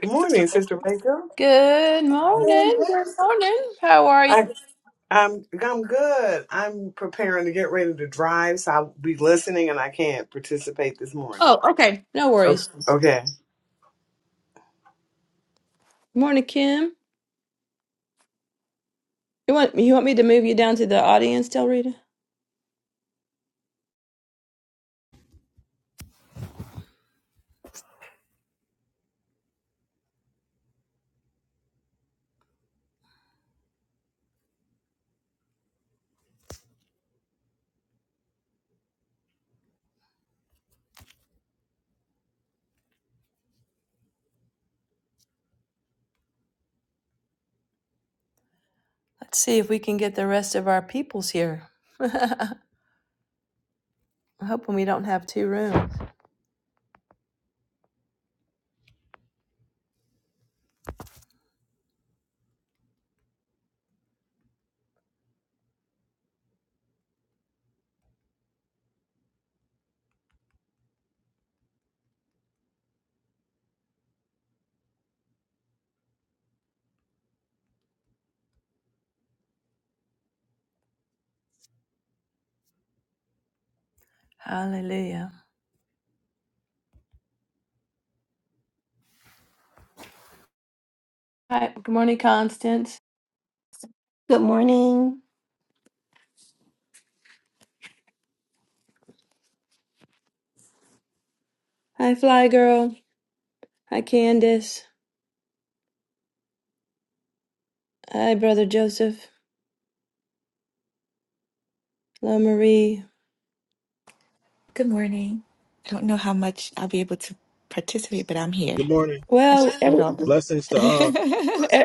Good morning, Good Sister Rachel. morning. Good morning. How are you? I, I'm I'm good. I'm preparing to get ready to drive, so I'll be listening, and I can't participate this morning. Oh, okay. No O- worries. Okay. Morning, Kim. You want you want me to move you down to the audience, Del Rita? Let's see if we can get the rest of our peoples here. I'm hoping we don't have two rooms. Hallelujah. Hi. Good morning, Constance. Good morning. Hi, Fly Girl. Hi, Candace. Hi, Brother Joseph. Hello, Marie. Good morning. I don't know how much I'll be able to participate, but I'm here. Good morning. I Well, should read every, all Blessings to all. the e-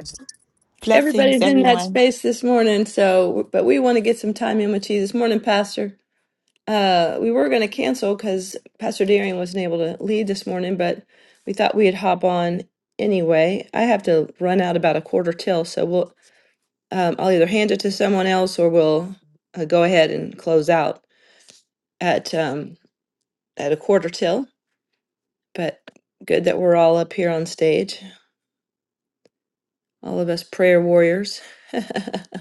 blessings, everybody's in that everyone. space this morning, so but we want to get some time in with you this morning, Pastor. Uh, we were going to cancel because Pastor Darian wasn't able to lead this morning, but we thought we'd hop on anyway. I have to run out about a quarter till, so we'll um, I'll either hand it to someone else or we'll uh, go ahead and close out at um, at a quarter till. But good that we're all up here on stage, all of us prayer warriors. there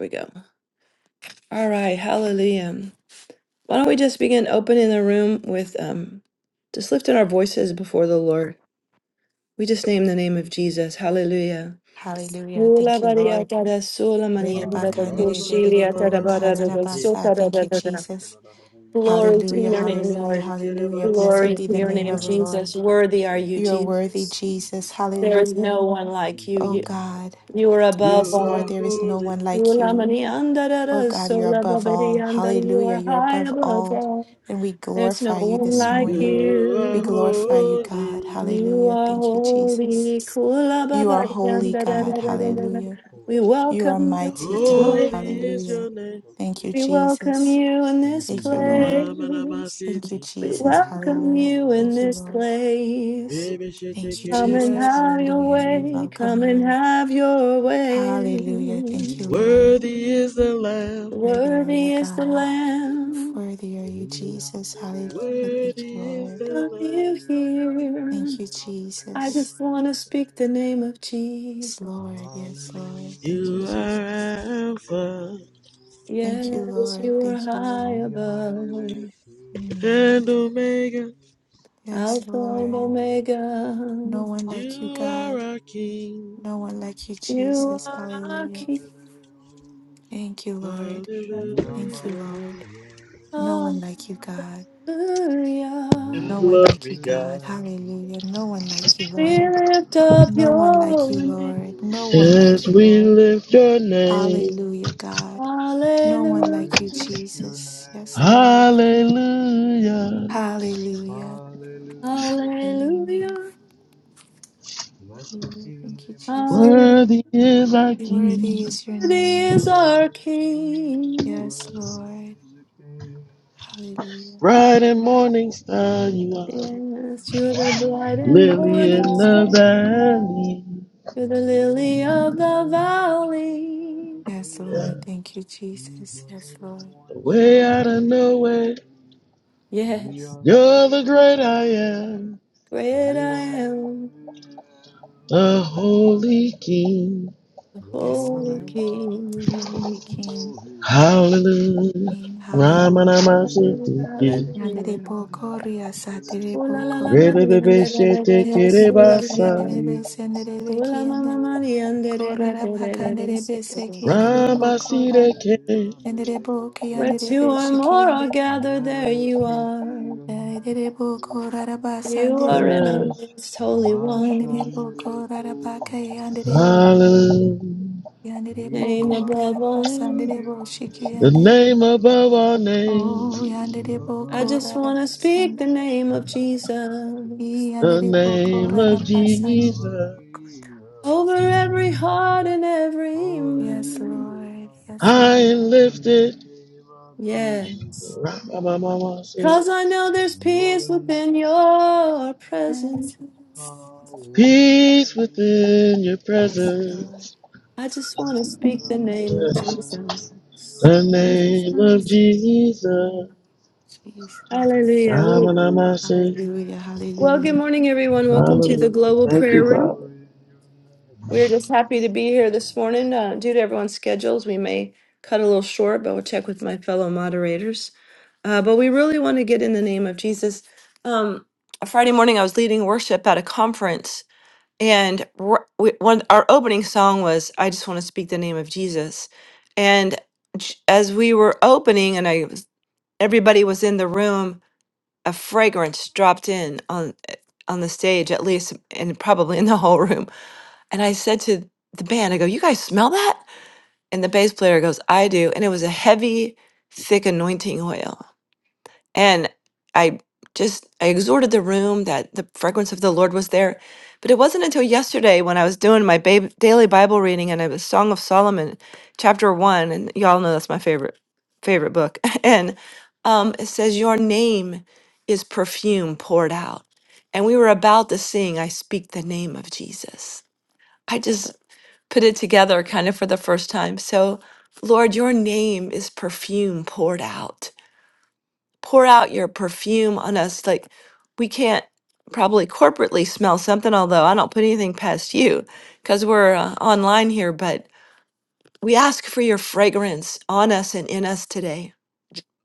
we go. All right, hallelujah. Why don't we just begin opening the room with um, just lifting our voices before the Lord. We just name the name of Jesus. Hallelujah. Hallelujah. Ula Thank you, baria Lord. tada sula de de manianda da Hallelujah. You You're kushilia worthy, tada Rerebakandedededebo bada da da kararabasa. sota Father. da Thank da you, da da. Jesus. Glory to Hallelujah, your name, hallelujah, Lord. hallelujah. Blessed Glory be to the your name name, of the Lord. Jesus. Worthy are you, You are worthy, Jesus. Jesus. There is no Hallelujah. one like you. Oh You, God. No you one are like you, above Yes, are Lord, all. there is no holy. one like Ula you. manianda da Oh da God, you're sula above all. babarianda. You Hallelujah, are you're high above above all. all. Lord. And we There's no glorify you one this like morning. Ishokola You We are you. yandororo glorify kia you, la la la God. la holy. You yandororo Hallelujah. are Thank you, yandororo Jesus. holy. Kula You are baba yandororo holy, yanda da God. da iki da da da da. yandororo Hallelujah. ko We ya la la You la are la welcome you in mighty, this yandororo God. Holy yandororo is place. Hallelujah. your name. Thank you, We yandororo welcome Jesus. you in Thank this you, Thank you, Lord. place. Jesus. Thank you, We Ramanamasitiki. Jesus. welcome Hallelujah. you in Thank you, this Lord. place. Baby Thank you, Come and Jesus. Shitekeribasa. have your Hallelujah. We way. welcome Come and you. have your way. Hallelujah. Thank you, Lord. Worthy is the Lamb. Worthy are Nikola you, Worthy is the yande God. iyo yandororo Lamb. Worthy are E you, Jesus. andele Hallelujah. Thank andele you, Worthy is ole Lord. the Are Lamb. andele you andele here? andele Thank you, andele I Jesus. just ole want to speak andele the name ole. of Yes, Jesus. Lord. Yes, Lord. Thank you, You are Hallelujah. Jesus. Alpha Thank you, Yes, Lord. you are Thank you, high Lord. E andele above, ke Mm. and Omega. andele. Yes, Alpha and Lord. ole, Omega. No one like you, You andele are God. our King. No one ole, like you, You Jesus. are andele our Hallelujah. King. andele oh. Thank you, Lord. Hallelujah. Shiyamba Thank you, Lord. mayande No one like you, God. oh. Hallelujah. and No one Glory like you, Glory to your God. God. name, Hallelujah. No one like you, We Lord. lift up No one to like your you, name. Lord. your No one like As you, we Lord. name, lift your name. Hallelujah, hallelujah. God. No one Hallelujah. We like you, lift your Jesus. Yes, Lord. name, Hallelujah. Hallelujah. hallelujah. Hallelujah. Hallelujah. Blessed Hallelujah. be the Thank you, name Jesus. of the Hallelujah. Lord. Worthy is our King. Worthy is your Worthy name. is our Worthy, King. Yes, worthy Lord. is the King. Hallelujah. Bright and morning star you are. Yes, you're the bright You and are Lily in morning the star. worthy. valley. You're Great the I lily of the am, great valley. I Yes, am, Lord. Thank you, the Jesus. Yes, Lord. The way out of Hallelujah. nowhere. Yes, You're the great I am. great I am, The holy King. the Yes, holy Holy Lord. One, The King. Holy the King. Holy One. Hallelujah. King. Ramana Hallelujah. Hallelujah, Hallelujah, hallelujah. Yanderebo koria Manayandele Ooh la saterebo la la, ba kondo. dee, Kohen. and Rebebebe da da da da shete da, ooh Yanderebe la Blessed la la la. kerebasa. be kiyanderebe the senderebe Ooh la ma name ma kiyande. ma of the dee, and da da da Korara da da da da, Lord. so pakanderebe da da da. sekiyanderebo Ramasire Amayandele ke. Tenderebo andeo. Where kiyanderebe two or more shikiyande. are gathered, there you Blessed be are. your Tenderebo koraraba name. You sande. are in our midst, Holy One. Yanderebo Mashandele koraraba kole. kayandere. Hallelujah. Yanderebo Name Ikola above koraraba all mana names. sanderebo yande The shikiyande. kola. name above all Oh, names. yanderebo I Above just all want koraraba to speak sande. the name of names. Jesus The Yanderebo name of koraraba sande. Vaneva Jesus. over every heart and every Holy Yes, be mind. the Lord. Yes, Lord, High Lord. yes, and the lifted. name of Jesus. Yes. Ramamamamase. Cause I know there's peace Your name, within your presence. Yes, power, Peace within your yes, Lord. presence. I just want to is speak the name of The power in Jesus. your I just name of want name. Jesus. to There's Jesus. Hallelujah. Well, power in Ramanamase. your name. Hallelujah. well, good Hallelujah. morning, everyone. Welcome to the Hallelujah. Global Thank Prayer you, Room. Father. Power in your We're just name. happy to be here this morning. Uh, due to everyone's schedules, we may cut a little short, but we'll check with my fellow moderators. Uh, but we really want to get in the name of Jesus. Um, Friday morning, I was leading worship at a conference, and r- we, one our opening song was "I Just Want to Speak the Name of Jesus." And j- as we were opening, and I was- everybody was in the room, a fragrance dropped in on on the stage, at least, and probably in the whole room and I said to the band, I go, you guys smell that? And the bass player goes, I do. And it was a heavy, thick anointing oil. And I just, I exhorted the room that the fragrance of the Lord was there. But it wasn't until yesterday when I was doing my ba- daily Bible reading and it was Song of Solomon, chapter one. And y'all know that's my favorite, favorite book. and um, it says, Your name is perfume poured out. And we were about to sing, I speak the name of Jesus. I just put it together kind of for the first time. So, Lord, your name is perfume poured out. Pour out your perfume on us. Like, we can't probably corporately smell something, although I don't put anything past you because we're uh, online here. But we ask for your fragrance on us and in us today.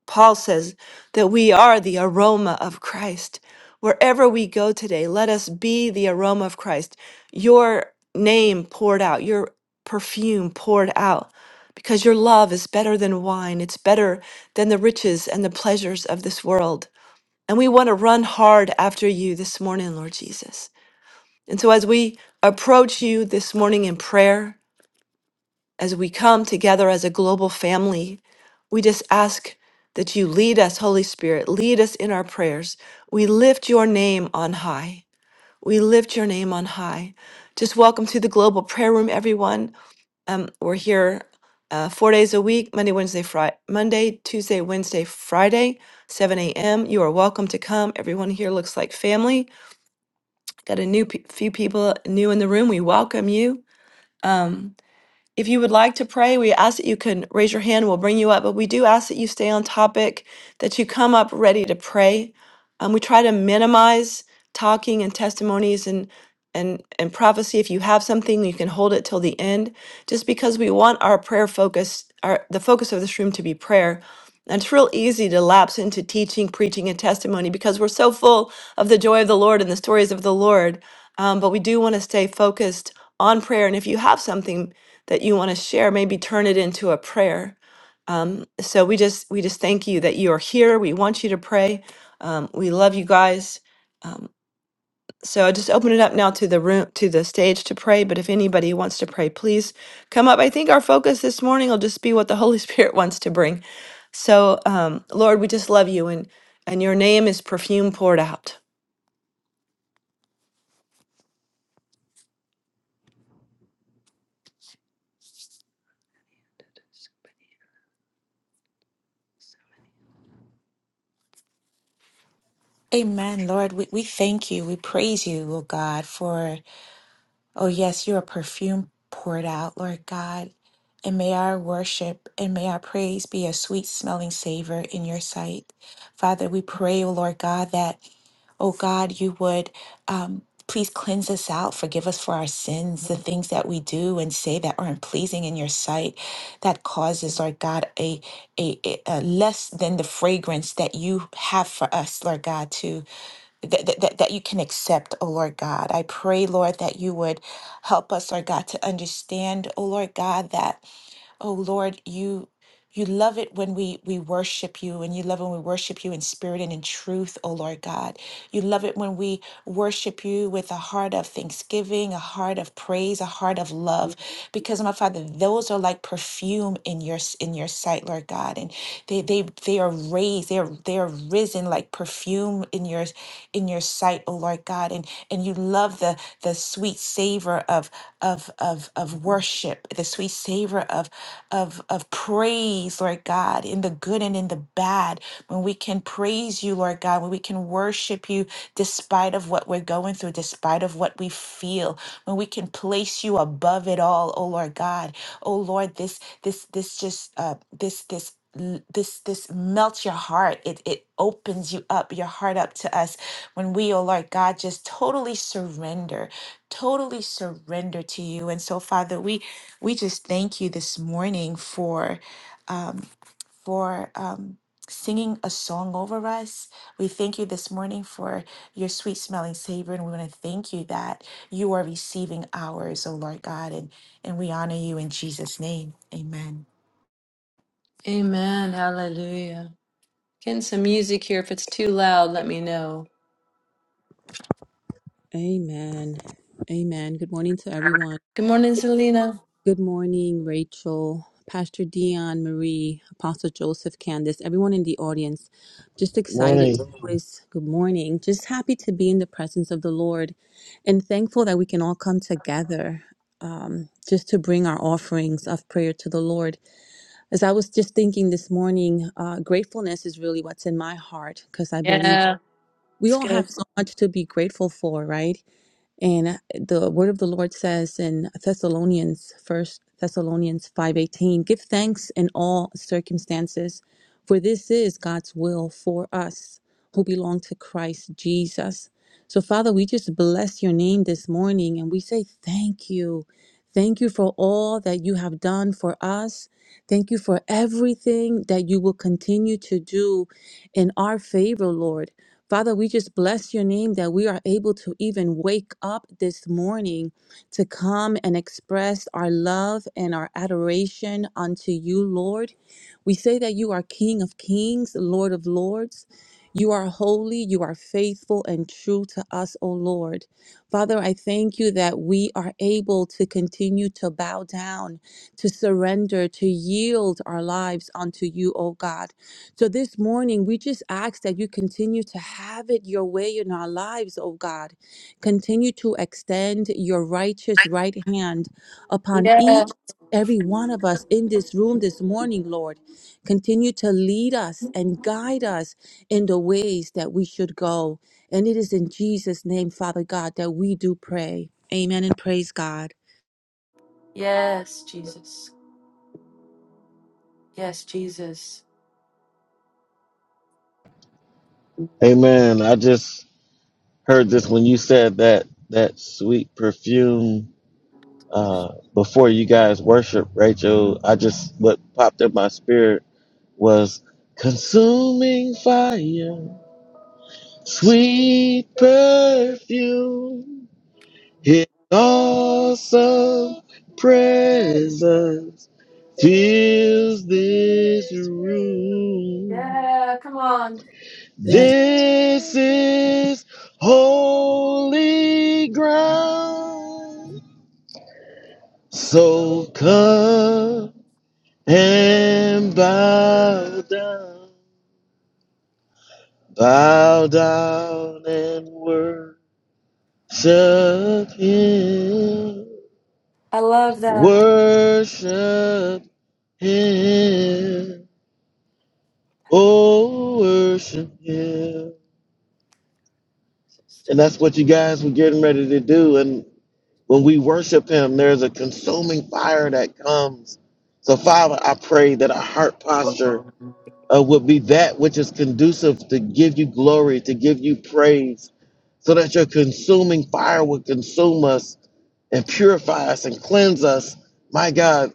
Paul says that we are the aroma of Christ. Wherever we go today, let us be the aroma of Christ. Your name poured out, your perfume poured out, because your love is better than wine. It's better than the riches and the pleasures of this world. And we want to run hard after you this morning, Lord Jesus. And so as we approach you this morning in prayer, as we come together as a global family, we just ask that you lead us, Holy Spirit, lead us in our prayers. We lift your name on high. We lift your name on high. Just welcome to the global prayer room, everyone. Um, we're here uh, four days a week Monday, Wednesday, Friday, Monday, Tuesday, Wednesday, Friday, 7 a.m. You are welcome to come. Everyone here looks like family. Got a new pe- few people new in the room. We welcome you. Um. If you would like to pray, we ask that you can raise your hand. We'll bring you up, but we do ask that you stay on topic, that you come up ready to pray. Um, we try to minimize talking and testimonies and and and prophecy. If you have something, you can hold it till the end, just because we want our prayer focus, our the focus of this room to be prayer. And it's real easy to lapse into teaching, preaching, and testimony because we're so full of the joy of the Lord and the stories of the Lord. Um, but we do want to stay focused on prayer. And if you have something, that you want to share maybe turn it into a prayer um, so we just we just thank you that you are here we want you to pray um, we love you guys um, so i just open it up now to the room to the stage to pray but if anybody wants to pray please come up i think our focus this morning will just be what the holy spirit wants to bring so um, lord we just love you and and your name is perfume poured out Amen, Lord. We, we thank you. We praise you, oh God, for, oh yes, you're a perfume poured out, Lord God. And may our worship and may our praise be a sweet smelling savor in your sight. Father, we pray, oh Lord God, that. oh God, you would um, please cleanse us out, forgive us for our sins, the things that we do and say that aren't pleasing in your sight, that causes, Lord God, a, a, a a less than the fragrance that you have for us, Lord God, to that, that, that that you can accept, oh Lord God. I pray, Lord, that you would help us, Lord God, to understand, oh Lord God, that. Oh Lord, you you love it when we we worship you and you love when we worship you in spirit and in truth, oh Lord God. You love it when we worship you with a heart of thanksgiving, a heart of praise, a heart of love because my Father, those are like perfume in your s- in your sight, Lord God. And they they they are raised, they are they are risen like perfume in your in your sight, oh Lord God. And and you love the the sweet savor of of of of worship, the sweet savor of of of praise, Lord God, in the good and in the bad. When we can praise you, Lord God, when we can worship you despite of what we're going through, despite of what we feel, when we can place you above it all, oh Lord God. Oh Lord, this this this just uh this this l- this this melts your heart it it opens you up your heart up to us when we oh lord god just totally surrender totally surrender to you and so father we we just thank you this morning for um, for um, singing a song over us. We thank you this morning for your sweet smelling savor, and we want to thank you that you are receiving ours, oh Lord God, and and we honor you in Jesus' name. Amen. Amen. Hallelujah. Getting some music here. If it's too loud, let me know. Amen. Amen. Good morning to everyone. Good morning, Selena. Good morning, Rachel, Pastor Dion, Marie, Apostle Joseph, Candace, everyone in the audience. Just Good excited to morning. always, good morning. Just happy to be in the presence of the Lord and thankful that we can all come together um, just to bring our offerings of prayer to the Lord. As I was just thinking this morning, uh, gratefulness is really what's in my heart because I believe Yeah, we it's all good. have so much to be grateful for, right? And uh, the word of the Lord says in Thessalonians, first Thessalonians 5:18, give thanks in all circumstances, for this is God's will for us who belong to Christ Jesus. So Father, we just bless your name this morning and we say thank you. Thank you for all that you have done for us. Thank you for everything that you will continue to do in our favor, Lord. Father, we just bless your name that we are able to even wake up this morning to come and express our love and our adoration unto you, Lord. We say that you are King of kings, Lord of lords. You are holy, you are faithful and true to us, O Lord. Father, I thank you that we are able to continue to bow down, to surrender, to yield our lives unto you, O God. So this morning, we just ask that you continue to have it your way in our lives, oh God. Continue to extend your righteous right hand upon each Yeah. and every one of us in this room this morning, Lord. Continue to lead us and guide us in the ways that we should go. And it is in Jesus' name, Father God, that we do pray. Amen and praise God. Yes, Jesus. Yes, Jesus. Amen. I just heard this when you said that that sweet perfume uh, before you guys worship, Rachel. I just what popped in my spirit was consuming fire, sweet perfume, His awesome presence fills this room. Yeah, come on. Yes, This is holy ground. So come and bow down, bow down and worship Him, I love that. worship Him, oh, worship Him. And that's what you guys were getting ready to do. and. When we worship Him, there's a consuming fire that comes. So, Father, I pray that our heart posture uh, would be that which is conducive to give you glory, to give you praise, so that your consuming fire would consume us and purify us and cleanse us, my God.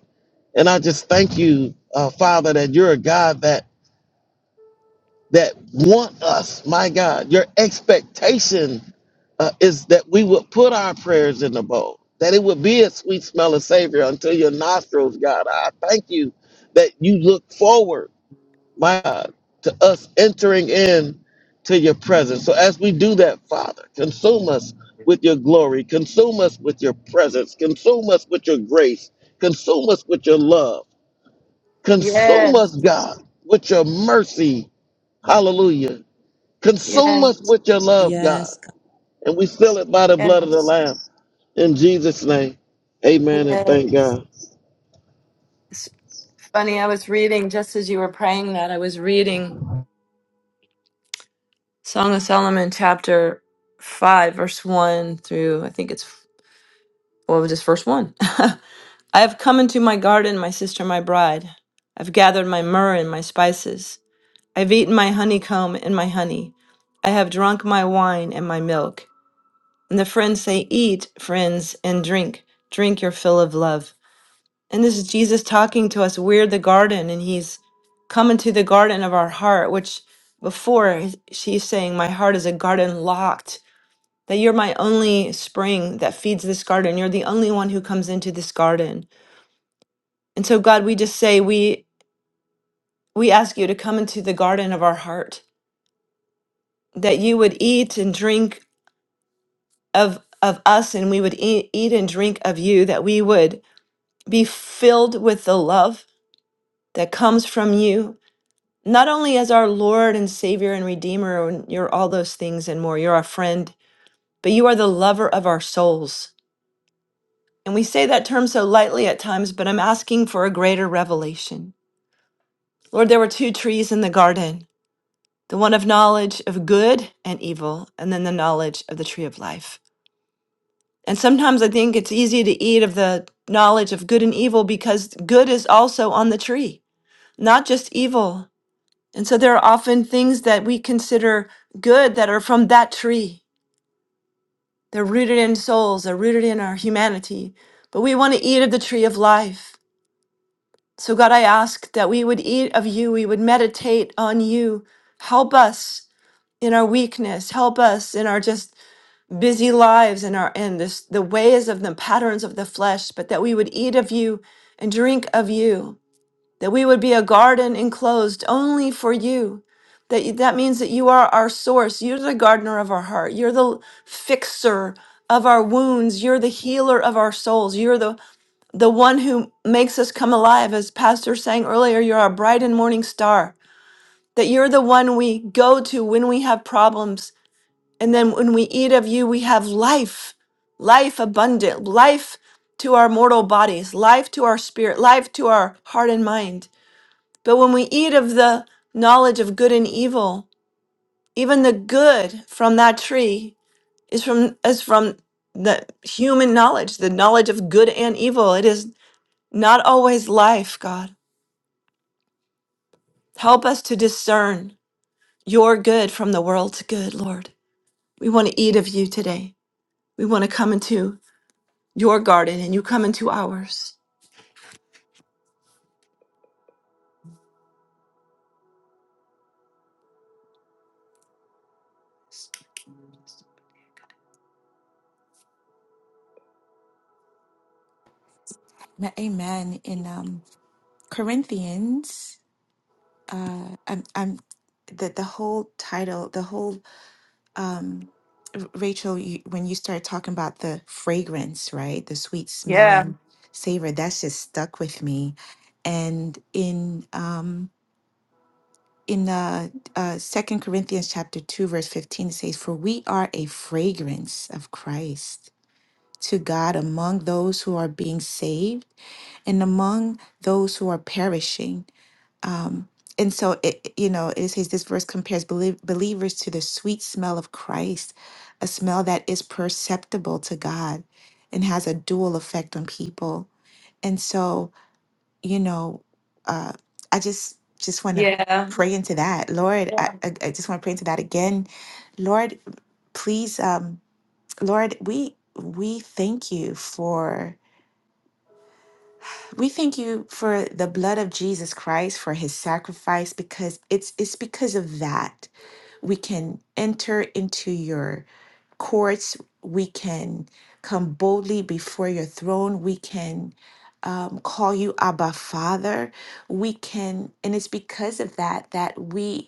And I just thank you, uh, Father, that you're a God that that want us, my God, your expectation uh, is that we would put our prayers in the bowl, that it would be a sweet smell of savior until your nostrils, God. I thank you that you look forward, my God, to us entering in to your presence. So as we do that, Father, consume us with your glory, consume us with your presence, consume us with your grace, consume us with your love, consume Yes, us, God, with your mercy. Hallelujah Consume us yes, with your love, God. yes, And we seal it by the blood of the yes, Lamb. In Jesus' name. Amen and thank yes. God. It's funny, I was reading just as you were praying that, I was reading Song of Solomon chapter 5, verse 1 through I think it's What was this first one? I have come into my garden, my sister, my bride. I've gathered my myrrh and my spices. I've eaten my honeycomb and my honey. I have drunk my wine and my milk. And the friends say, Eat, friends, and drink. Drink your fill of love. And this is Jesus talking to us. We're the garden, and he's come into the garden of our heart, which before he's- she's saying, My heart is a garden locked that you're my only spring that feeds this garden. You're the only one who comes into this garden. And so God, we just say we we ask you to come into the garden of our heart, that you would eat and drink of of us and we would eat, eat and drink of you, that we would be filled with the love that comes from you, not only as our Lord and Savior and Redeemer, and you're all those things and more, you're our friend, but you are the lover of our souls. And we say that term so lightly at times, but I'm asking for a greater revelation. Lord, there were two trees in the garden the one of knowledge of good and evil, and then the knowledge of the tree of life. And sometimes I think it's easy to eat of the knowledge of good and evil because good is also on the tree, not just evil. And so there are often things that we consider good that are from that tree. They're rooted in souls, they're rooted in our humanity. But we want to eat of the tree of life. So, God, I ask that we would eat of you, we would meditate on you. Help us in our weakness help us in our just busy lives and our and this the ways of the patterns of the flesh but that we would eat of you and drink of you that we would be a garden enclosed only for you that you- that means that you are our source you're the gardener of our heart you're the fixer of our wounds you're the healer of our souls you're the the one who makes us come alive, as Pastor sang earlier, you're our bright and morning star, that you're the one we go to when we have problems. And then when we eat of you, we have life, life abundant, life to our mortal bodies, life to our spirit, life to our heart and mind. But when we eat of the knowledge of good and evil, even the good from that tree is from is from the human knowledge, the knowledge of good and evil. It is not always life, God. Help us to discern your good from the world's good, Lord. We want to eat of you today. We want to come into your garden and you come into ours. Ma- Amen. In um, Corinthians, uh, I'm, I'm the the whole title, the whole um, R- Rachel, you, when you started talking about the fragrance, right? The sweet Yeah, smelling savor, that's just stuck with me. And in um, in uh, uh, Second Corinthians chapter two, verse fifteen, it says, "For we are a fragrance of Christ to God among those who are being saved and among those who are perishing." Um, and so it, you know, it says this verse compares belie- believers to the sweet smell of Christ, a smell that is perceptible to God and has a dual effect on people. And so, you know, uh, I just just want to yeah, pray into that, Lord. I, yeah, I I just want to pray into that again, Lord. Please, um, Lord, we we thank you for. We thank you for the blood of Jesus Christ for his sacrifice because it's it's because of that we can enter into your courts, we can come boldly before your throne, we can um, call you Abba Father. We can, and it's because of that that we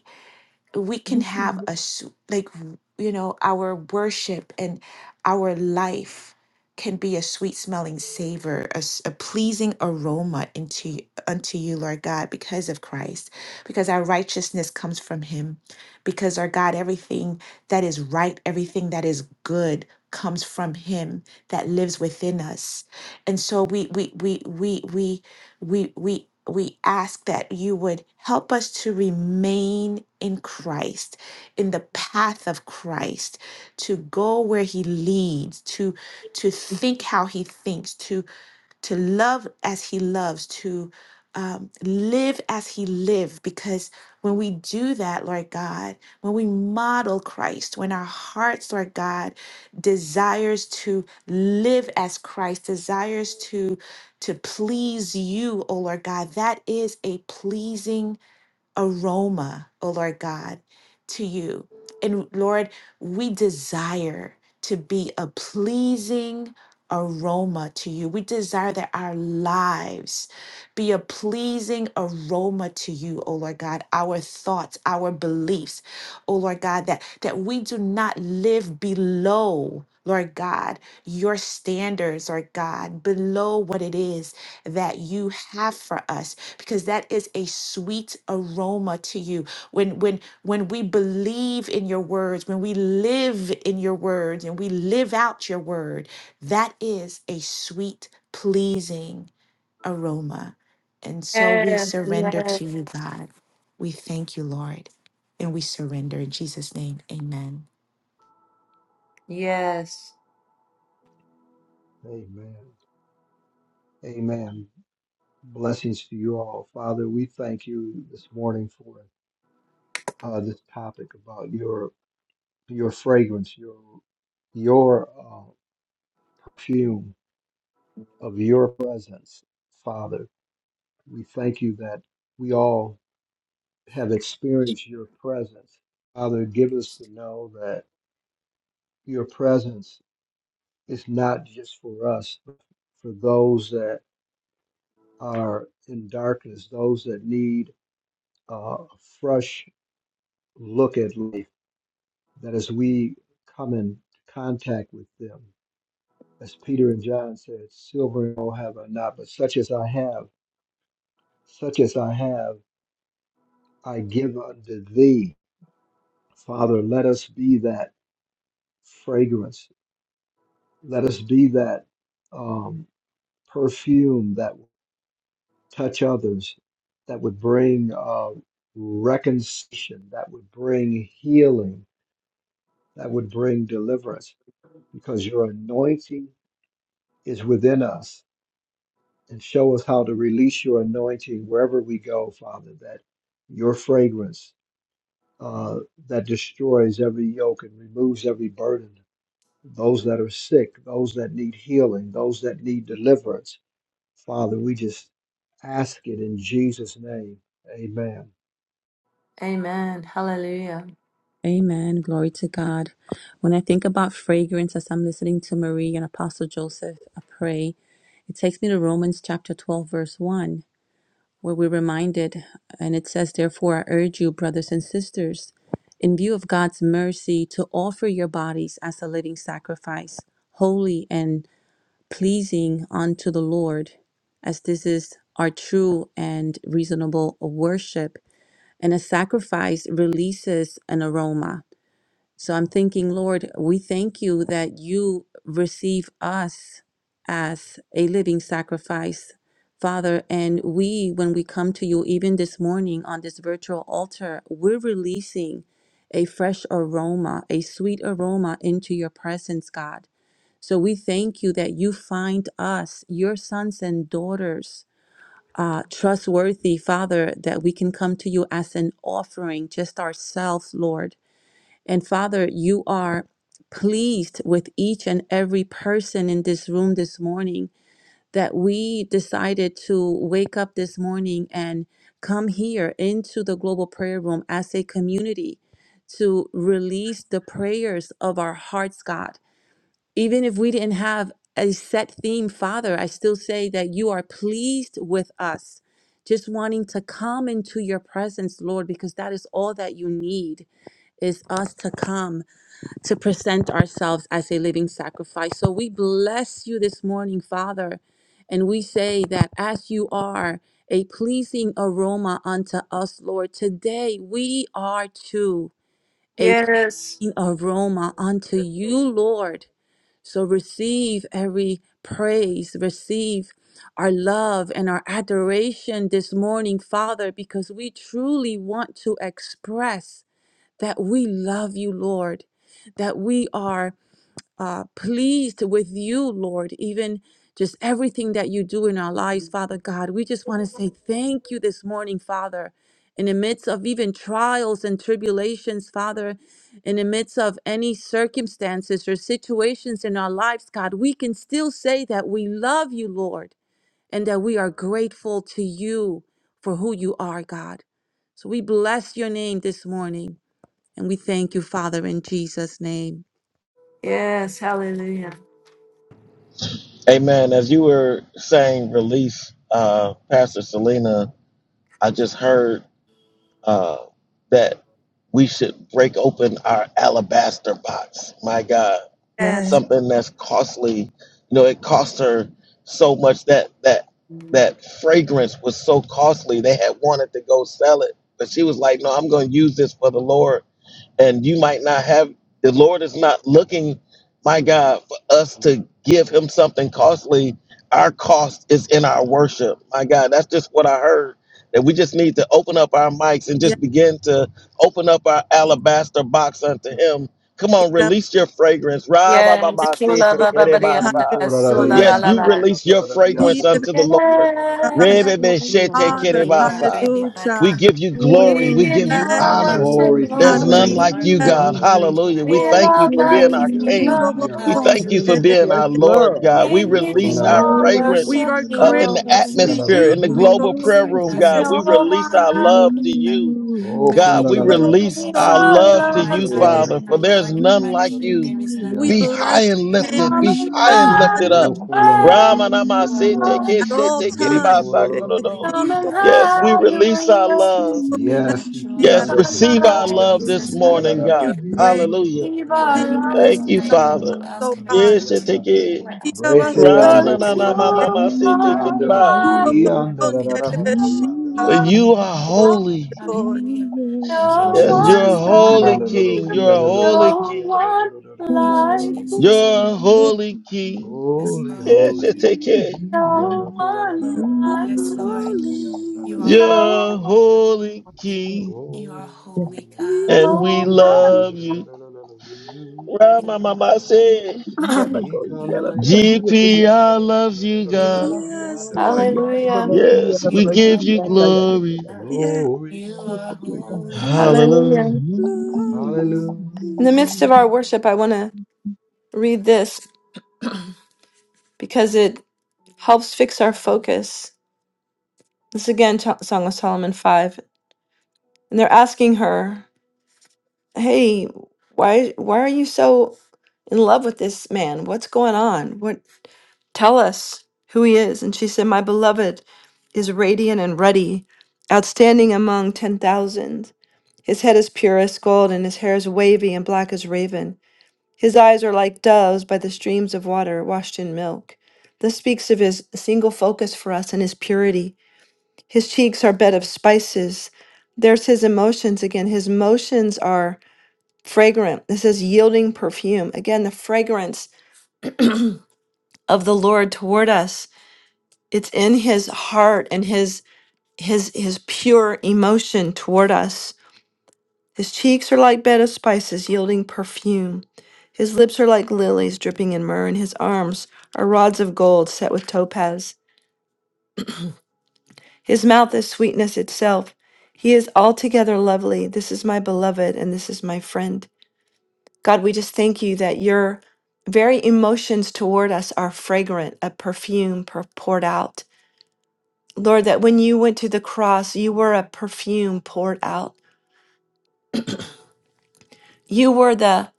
we can have a s- like you know our worship and our life can be a sweet smelling savor a, s- a pleasing aroma into y- unto you lord god because of christ because our righteousness comes from him because our god everything that is right everything that is good comes from him that lives within us and so we we we we we we we we ask that you would help us to remain in Christ, in the path of Christ, to go where he leads, to to think how he thinks, to to love as he loves, to um, live as he lived. Because when we do that, Lord God, when we model Christ, when our hearts, Lord God, desires to live as Christ, desires to to please you, O Lord God, that is a pleasing aroma, O Lord God, to you. And Lord, we desire to be a pleasing aroma to you. We desire that our lives be a pleasing aroma to you, O Lord God, our thoughts, our beliefs, O Lord God, that, that we do not live below. Lord God, your standards, Lord God, below what it is that you have for us because that is a sweet aroma to you when when when we believe in your words when we live in your words and we live out your word that is a sweet pleasing aroma and so we yeah, surrender yeah, to you god we thank you lord and we surrender in jesus name amen yes, Amen. Amen. Blessings to you all. Father, we thank you this morning for uh, this topic about your your fragrance, your your uh, perfume of your presence. Father, we thank you that we all have experienced your presence. Father, give us to know that your presence is not just for us, but for those that are in darkness, those that need uh, a fresh look at life that as we come in contact with them, as Peter and John said, silver and gold have I not, but such as I have, such as I have, I give unto thee. Father, let us be that fragrance. Let us be that um, perfume that would touch others, that would bring uh, reconciliation, that would bring healing, that would bring deliverance, because your anointing is within us and show us how to release your anointing wherever we go, Father, that your fragrance uh, that destroys every yoke and removes every burden, those that are sick, those that need healing, those that need deliverance. Father, we just ask it in Jesus' name. Amen. Amen. Glory to God. When I think about fragrance as I'm listening to Marie and Apostle Joseph I pray, it takes me to Romans chapter 12, verse 1, where we're reminded, and it says, Therefore, I urge you, brothers and sisters, in view of God's mercy, to offer your bodies as a living sacrifice, holy and pleasing unto the Lord, as this is our true and reasonable worship. And a sacrifice releases an aroma. So I'm thinking, Lord, we thank you that you receive us as a living sacrifice, Father. And we, when we come to you, even this morning on this virtual altar, we're releasing a fresh aroma, a sweet aroma into your presence, God. So we thank you that you find us, your sons and daughters, uh, trustworthy, Father, that we can come to you as an offering, just ourselves, Lord and Father, you are pleased with each and every person in this room this morning that we decided to wake up this morning and come here into the global prayer room as a community to release the prayers of our hearts, God. Even if we didn't have a set theme, Father, I still say that you are pleased with us. Just wanting to come into your presence, Lord, because that is all that you need is us to come to present ourselves as a living sacrifice. So we bless you this morning, Father, and we say that as you are a pleasing aroma unto us, Lord, today we are too a yes, pleasing aroma unto you, Lord. So receive every praise, receive our love and our adoration this morning, Father, because we truly want to express that we love you, Lord, that we are uh, pleased with you, Lord, even just everything that you do in our lives, Father God. We just want to say thank you this morning, Father. In the midst of even trials and tribulations, Father, in the midst of any circumstances or situations in our lives, God, we can still say that we love you, Lord, and that we are grateful to you for who you are, God. So we bless your name this morning. And we thank you, Father, in Jesus' name. yes, hallelujah. Amen. As you were saying release, uh, Pastor Selena, I just heard uh, that we should break open our alabaster box. My God. Yes, Yes. Something that's costly. You know, it cost her so much that that that fragrance was so costly. They had wanted to go sell it. But she was like, no, I'm going to use this for the Lord and you might not have the lord is not looking my god for us to give him something costly our cost is in our worship my god that's just what i heard that we just need to open up our mics and Yes. just begin to open up our alabaster box unto him come on release your fragrance Ra ba ba yes, ba si Shula te ba ke ba de ba dia ba ta sa. ta, shula Hallelujah. la yes la you la. release your He fragrance the best unto the Yeah, lord Re be be she Hallelujah. te ke de Father, ba Hallelujah. sa. Ready back we hallelujah. hand. give you Yes, glory we we give give you you Bless our honor worship, Give you God, there's none glory, Lord. like glory, you, bless Lord. God. Glory, Hallelujah. God, We We Lord. thank glory, you love God. for being like you, our we Hallelujah. Good King. of us, We love. son, thank you for Hallelujah. the best. being our Hallelujah. Lord, Lord. God. We We Hallelujah. give Thank release you you. our I all love you. fragrance We worship, are uh, great in the Hallelujah. Lord. to Tonight, atmosphere, you, in the Lord. of global us, fragrance, prayer Lord room, God, There's the God. We unto no you. best, I release one love our you, like Lord. love Lord. to I you. love you. you. I God, we thank Good We you, of us, release release Jesus. our son, our You love are to my love you, to the God. You best. you. are Father, for my there's Lord. You are none my like King. you. There is none We like Be you. high bless and your I name lifted. the Come Be and worship high best, you. and son, lifted have I up. your worship you. way, You are Ramanamasete all God. I at have, keshe all Lord tekereba times. God. the best. sakorodo. Hallelujah. Come Sing and to Thank you Yes, for we have being your my release way. our peace. Thank love. you for bless being my Yes, the iki joy. name out Yes, of ando Our kula receive la Thank la our li love, you, love ando ro this Jesus. kuya la morning, la Hallelujah. la, la your God. li I ando love praise. ro you. ro ro Hallelujah. ro ro give I Yes, Sing yes. yando love our ro you. ro Where ro else Thank love can you, yata I to la la go? you. la Father. la, Who la la else to la can I la la, God. Yes, turn you to? take yata. it. Where He else of can I us. run Brete Ra There ando na to? is na You no na are kula ma la la my ma la ma one la la, say everything, take it God. ba. ikiando kulalaliando kuyalalaliando You like are Lord. la you, my everything, God. la no You For are one my you la Breteando la, lololiando lalalaliando are lalalaliata. everything. God. like holy. you, Hallelujah. Thank You you, are no Yes, holy, you're a Jesus. one Lord. holy like Ikiando king. you, You're a lololiando holy no king. lololiando one Thank you, like you, Jesus. lololiando la You're a You lalalaliata. are holy king. Yes, Holy, Lord. Yes, Thank you you. take it. holy. Iki no ando kula la, one Mm, like Yes, kulalaliando Lord. you, lololiando You are Holy, lalalaliata. You're a no one, holy holy. king. Oh, You are holy, Lord, God. we bless, And we no we can one love do do do you. do do do, you, Ra You ma are ma ma Lord. holy. say. Yeah, like but you. He go. can Yeah, You do but are do because he yonder, holy. is do do GP, yeah. yonder, I do do love do do you, do do do You God. are do yes, holy Lord, do Yeah, God. yonder, but do but Hallelujah. do yeah, Yes, yonder, do but do do yonder, we do You but do yeah. give are yonder. you Yeah, yeah, holy glory. God. yes, Glory, You yeah, are glory to yeah, yeah. your holy we Hallelujah. Hallelujah. name. God. glory. Hallelujah. In the midst of our worship, I want to read this because it helps fix our focus. This is again T- Song of Solomon 5. And they're asking her, "Hey, why why are you so in love with this man? What's going on? What tell us who he is?" And she said, "My beloved is radiant and ruddy, outstanding among 10,000. His head is pure as gold and his hair is wavy and black as raven. His eyes are like doves by the streams of water washed in milk." This speaks of his single focus for us and his purity. His cheeks are bed of spices. There's his emotions again. His motions are fragrant. This is yielding perfume. Again, the fragrance of the Lord toward us. It's in his heart and his his his pure emotion toward us. His cheeks are like bed of spices, yielding perfume. His lips are like lilies dripping in myrrh, and his arms are rods of gold set with topaz. His mouth is sweetness itself. He is altogether lovely. This is my beloved, and this is my friend. God, we just thank you that your very emotions toward us are fragrant, a perfume per- poured out. Lord, that when you went to the cross, you were a perfume poured out. You were the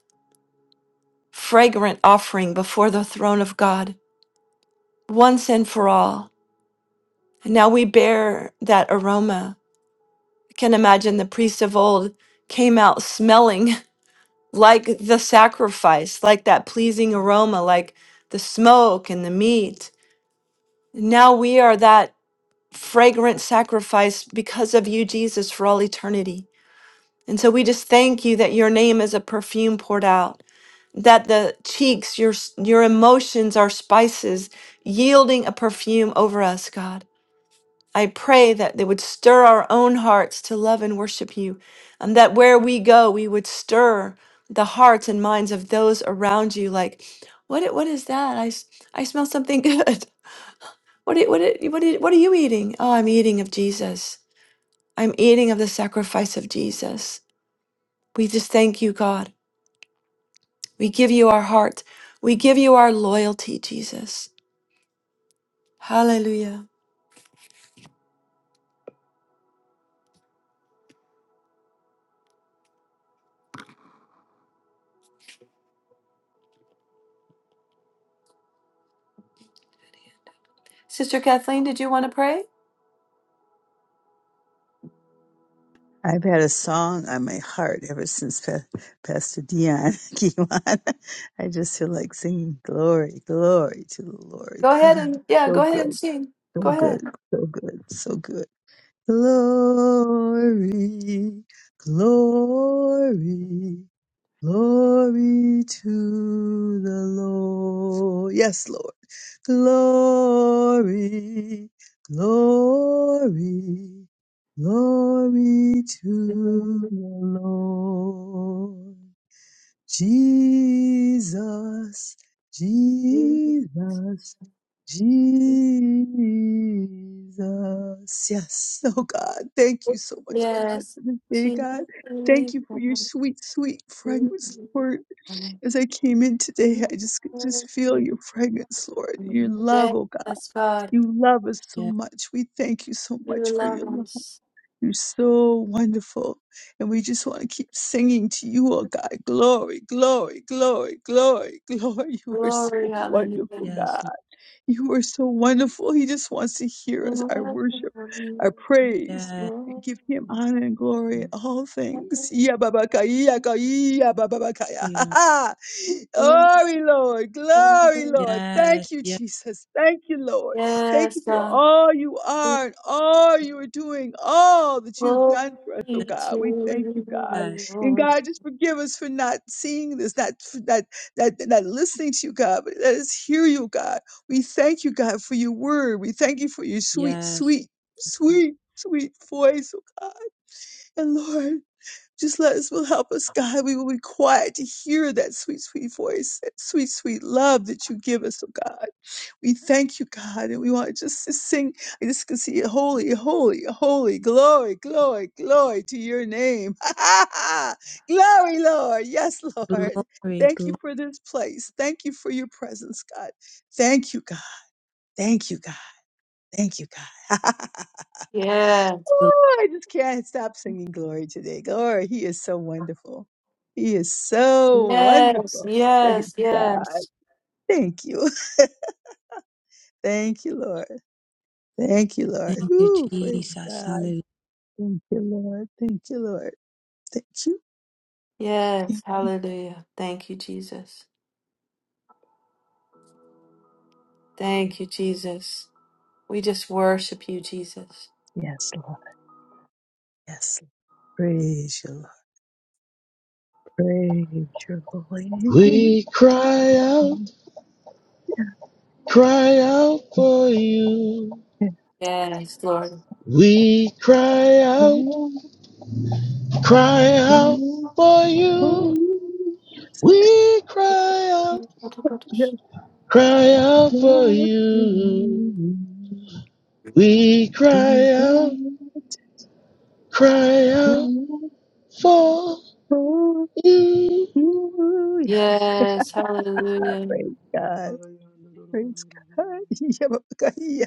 fragrant offering before the throne of God, once and for all. And now we bear that aroma. I can imagine the priests of old came out smelling like the sacrifice, like that pleasing aroma, like the smoke and the meat. Now we are that fragrant sacrifice because of you, Jesus, for all eternity. And so we just thank you that your name is a perfume poured out, that the cheeks, your s- your emotions are spices yielding a perfume over us, God. I pray that they would stir our own hearts to love and worship you, and that where we go, we would stir the hearts and minds of those around you. Like, what? i- What is that? I, s- I smell something good. What? i- What? i- What? i- What are you eating? Oh, I'm eating of Jesus. I'm eating of the sacrifice of Jesus. We just thank you, God. We give you our heart. We give you our loyalty, Jesus. Hallelujah. Sister Kathleen, did you want to pray? I've had a song on my heart ever since pa- Pastor Dion came on. I just feel like singing glory, glory to the Lord. Go ahead God, and yeah, so go ahead and good, sing. so Go ahead. good, so good, so good. Glory, glory. Glory to the Lord. Yes, Lord. Glory, glory, glory to the Lord. Jesus, Jesus, Jesus. Yes. Oh God, thank you so much, God, Yes. for this day, She God. Thank you for your sweet, sweet fragrance, Lord. As I came in today, I just could just feel your fragrance, Lord. Your love, oh God. Yes, God, You love us so Yes, much. We thank you so you much for your love love. us. You're so wonderful. And we just want to keep singing to you, oh God. Glory, glory, glory, glory, glory. You are Glory, so hallelujah. wonderful, yes, God. Lord, You are so wonderful. He just wants to hear us, our worship, our praise, yes, and give him honor and glory in all things. Yeah, Baba kaya, Yes, bababakaya. Peter. Glory, Lord. Glory, Lord. Yes, Thank you, Jesus. Thank you, Lord. Thank you for God. all you are and all you are doing, all that you have done for us, oh Glory to God. We thank you, God. yes, you, And Lord. God, just forgive us for not seeing this, not, not that not listening to you, God, but let us hear you, God. We thank you, God, for your word. We thank you for your sweet, yes. sweet, sweet, sweet voice, oh God. And Lord, just let us will help us, God. We will be quiet to hear that sweet, sweet voice, that sweet, sweet love that you give us, oh God. We thank you, God, and we want just to sing. I just can see holy, holy, holy, glory, glory, glory to your name. glory, Lord. Yes, Lord. Glory, Thank you glory. for this place. Thank you for your presence, God. Thank you, God. Thank you, God. Thank you, God. Yes, Oh, I just can't stop singing glory today. Glory, He is so wonderful. He is so yes, wonderful. Praise yes, God. yes, Thank you. Thank you, Lord. Thank you, Lord. Thank you, Ooh, praise Jesus. God. Hallelujah. Thank you, Lord. Thank you, Lord. Thank you. yes. Thank Hallelujah. Thank you, Jesus. Thank you, Jesus. We just worship you, Jesus. Yes, Lord. Yes. Lord. Praise you, Lord. Praise your holy name. We cry out, cry out for you. Yes, Yes, Lord. We cry out, Lord. cry out for you. Holy. We cry out, cry out for Yes, you. We cry out, cry out for you. Yes, hallelujah. praise God, praise God. Yeah, but God, yeah.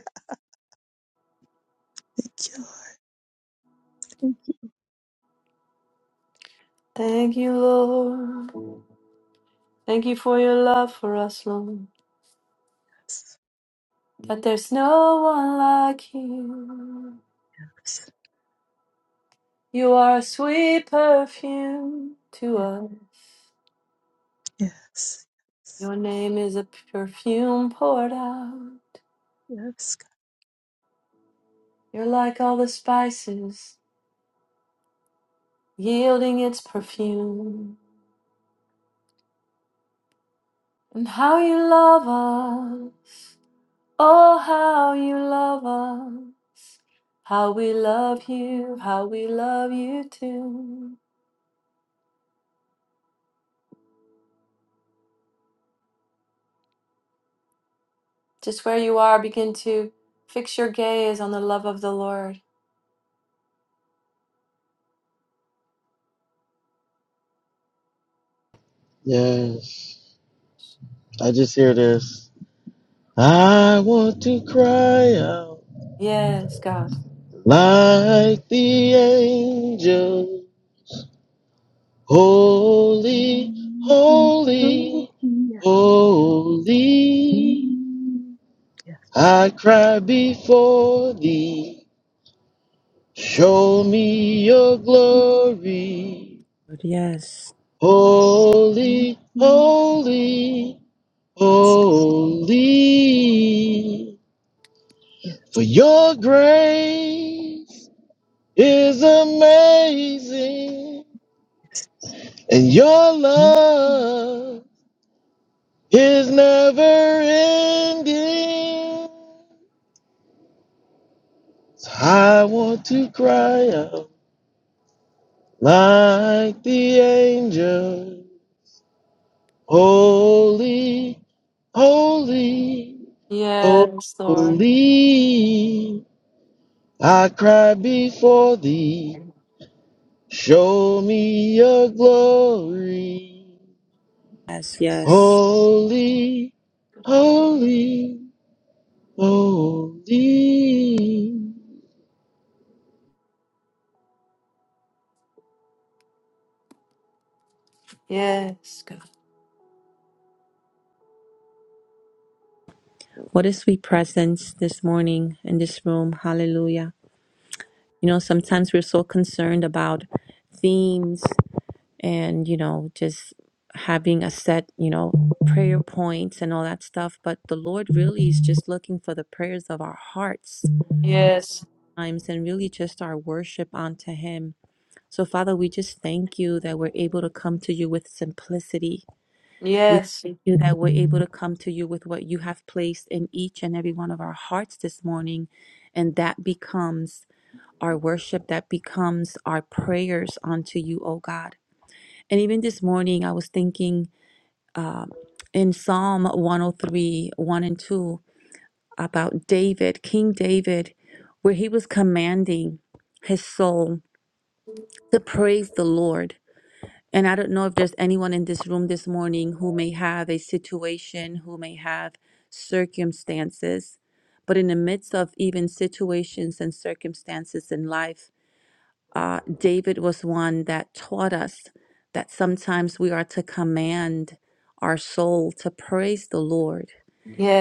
Thank you, Lord. Thank you. Thank you, Lord. Thank you for your love for us, Lord. Yes, That there's no one like you. You are a sweet perfume to us. yes, yes, yes. Your name is a perfume poured out. Yes, You're like all the spices, yielding its perfume. And how you love us. Oh, how you love us. How we love you, how we love you too. Just where you are, begin to fix your gaze on the love of the Lord. Yes, I just hear this. I want to cry out Yes, God. like the angels. God. Holy, Mm, oh, holy, yeah. holy, Mm, Yes, I cry before thee. Show me your mm, glory. Yes, Holy, mm, holy, yes, holy, yes, for your grace Lord. is amazing yes. and your Mm, mm. love. His never ending. I want to cry out like the angel. Holy, holy, Yes, Lord. holy. I cry before thee. Show me your glory. yes, yes. Holy, holy, holy. Yes, God. What a sweet presence this morning in this room. Hallelujah. You know, sometimes we're so concerned about themes and, you know, just having a set, you know, prayer points and all that stuff. But the Lord really is just looking for the prayers of our hearts Yes. times and really just our worship unto Him. So, Father, we just thank you that we're able to come to you with simplicity. We Yes. thank you that we're able to come to you with what you have placed in each and every one of our hearts this morning. And that becomes our worship that becomes our prayers unto you, O God. And even this morning, I was thinking uh, in Psalm 103, 1 and 2, about David, King David, where he was commanding his soul to praise the Lord. And I don't know if there's anyone in this room this morning who may have a situation, who may have circumstances, but in the midst of even situations and circumstances in life, uh, David was one that taught us that sometimes we are to command our soul to praise the Lord.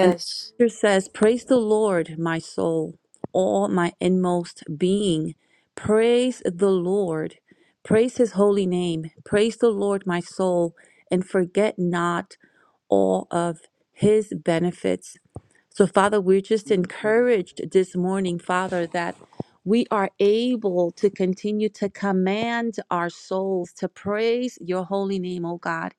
And the scripture says, Praise the Lord, my soul, all my inmost being. Praise the Lord. Praise his holy name. Praise the Lord, my soul, and forget not all of his benefits so, Father, we're just encouraged this morning, Father, that we are able to continue to command our souls to praise your holy name, oh God.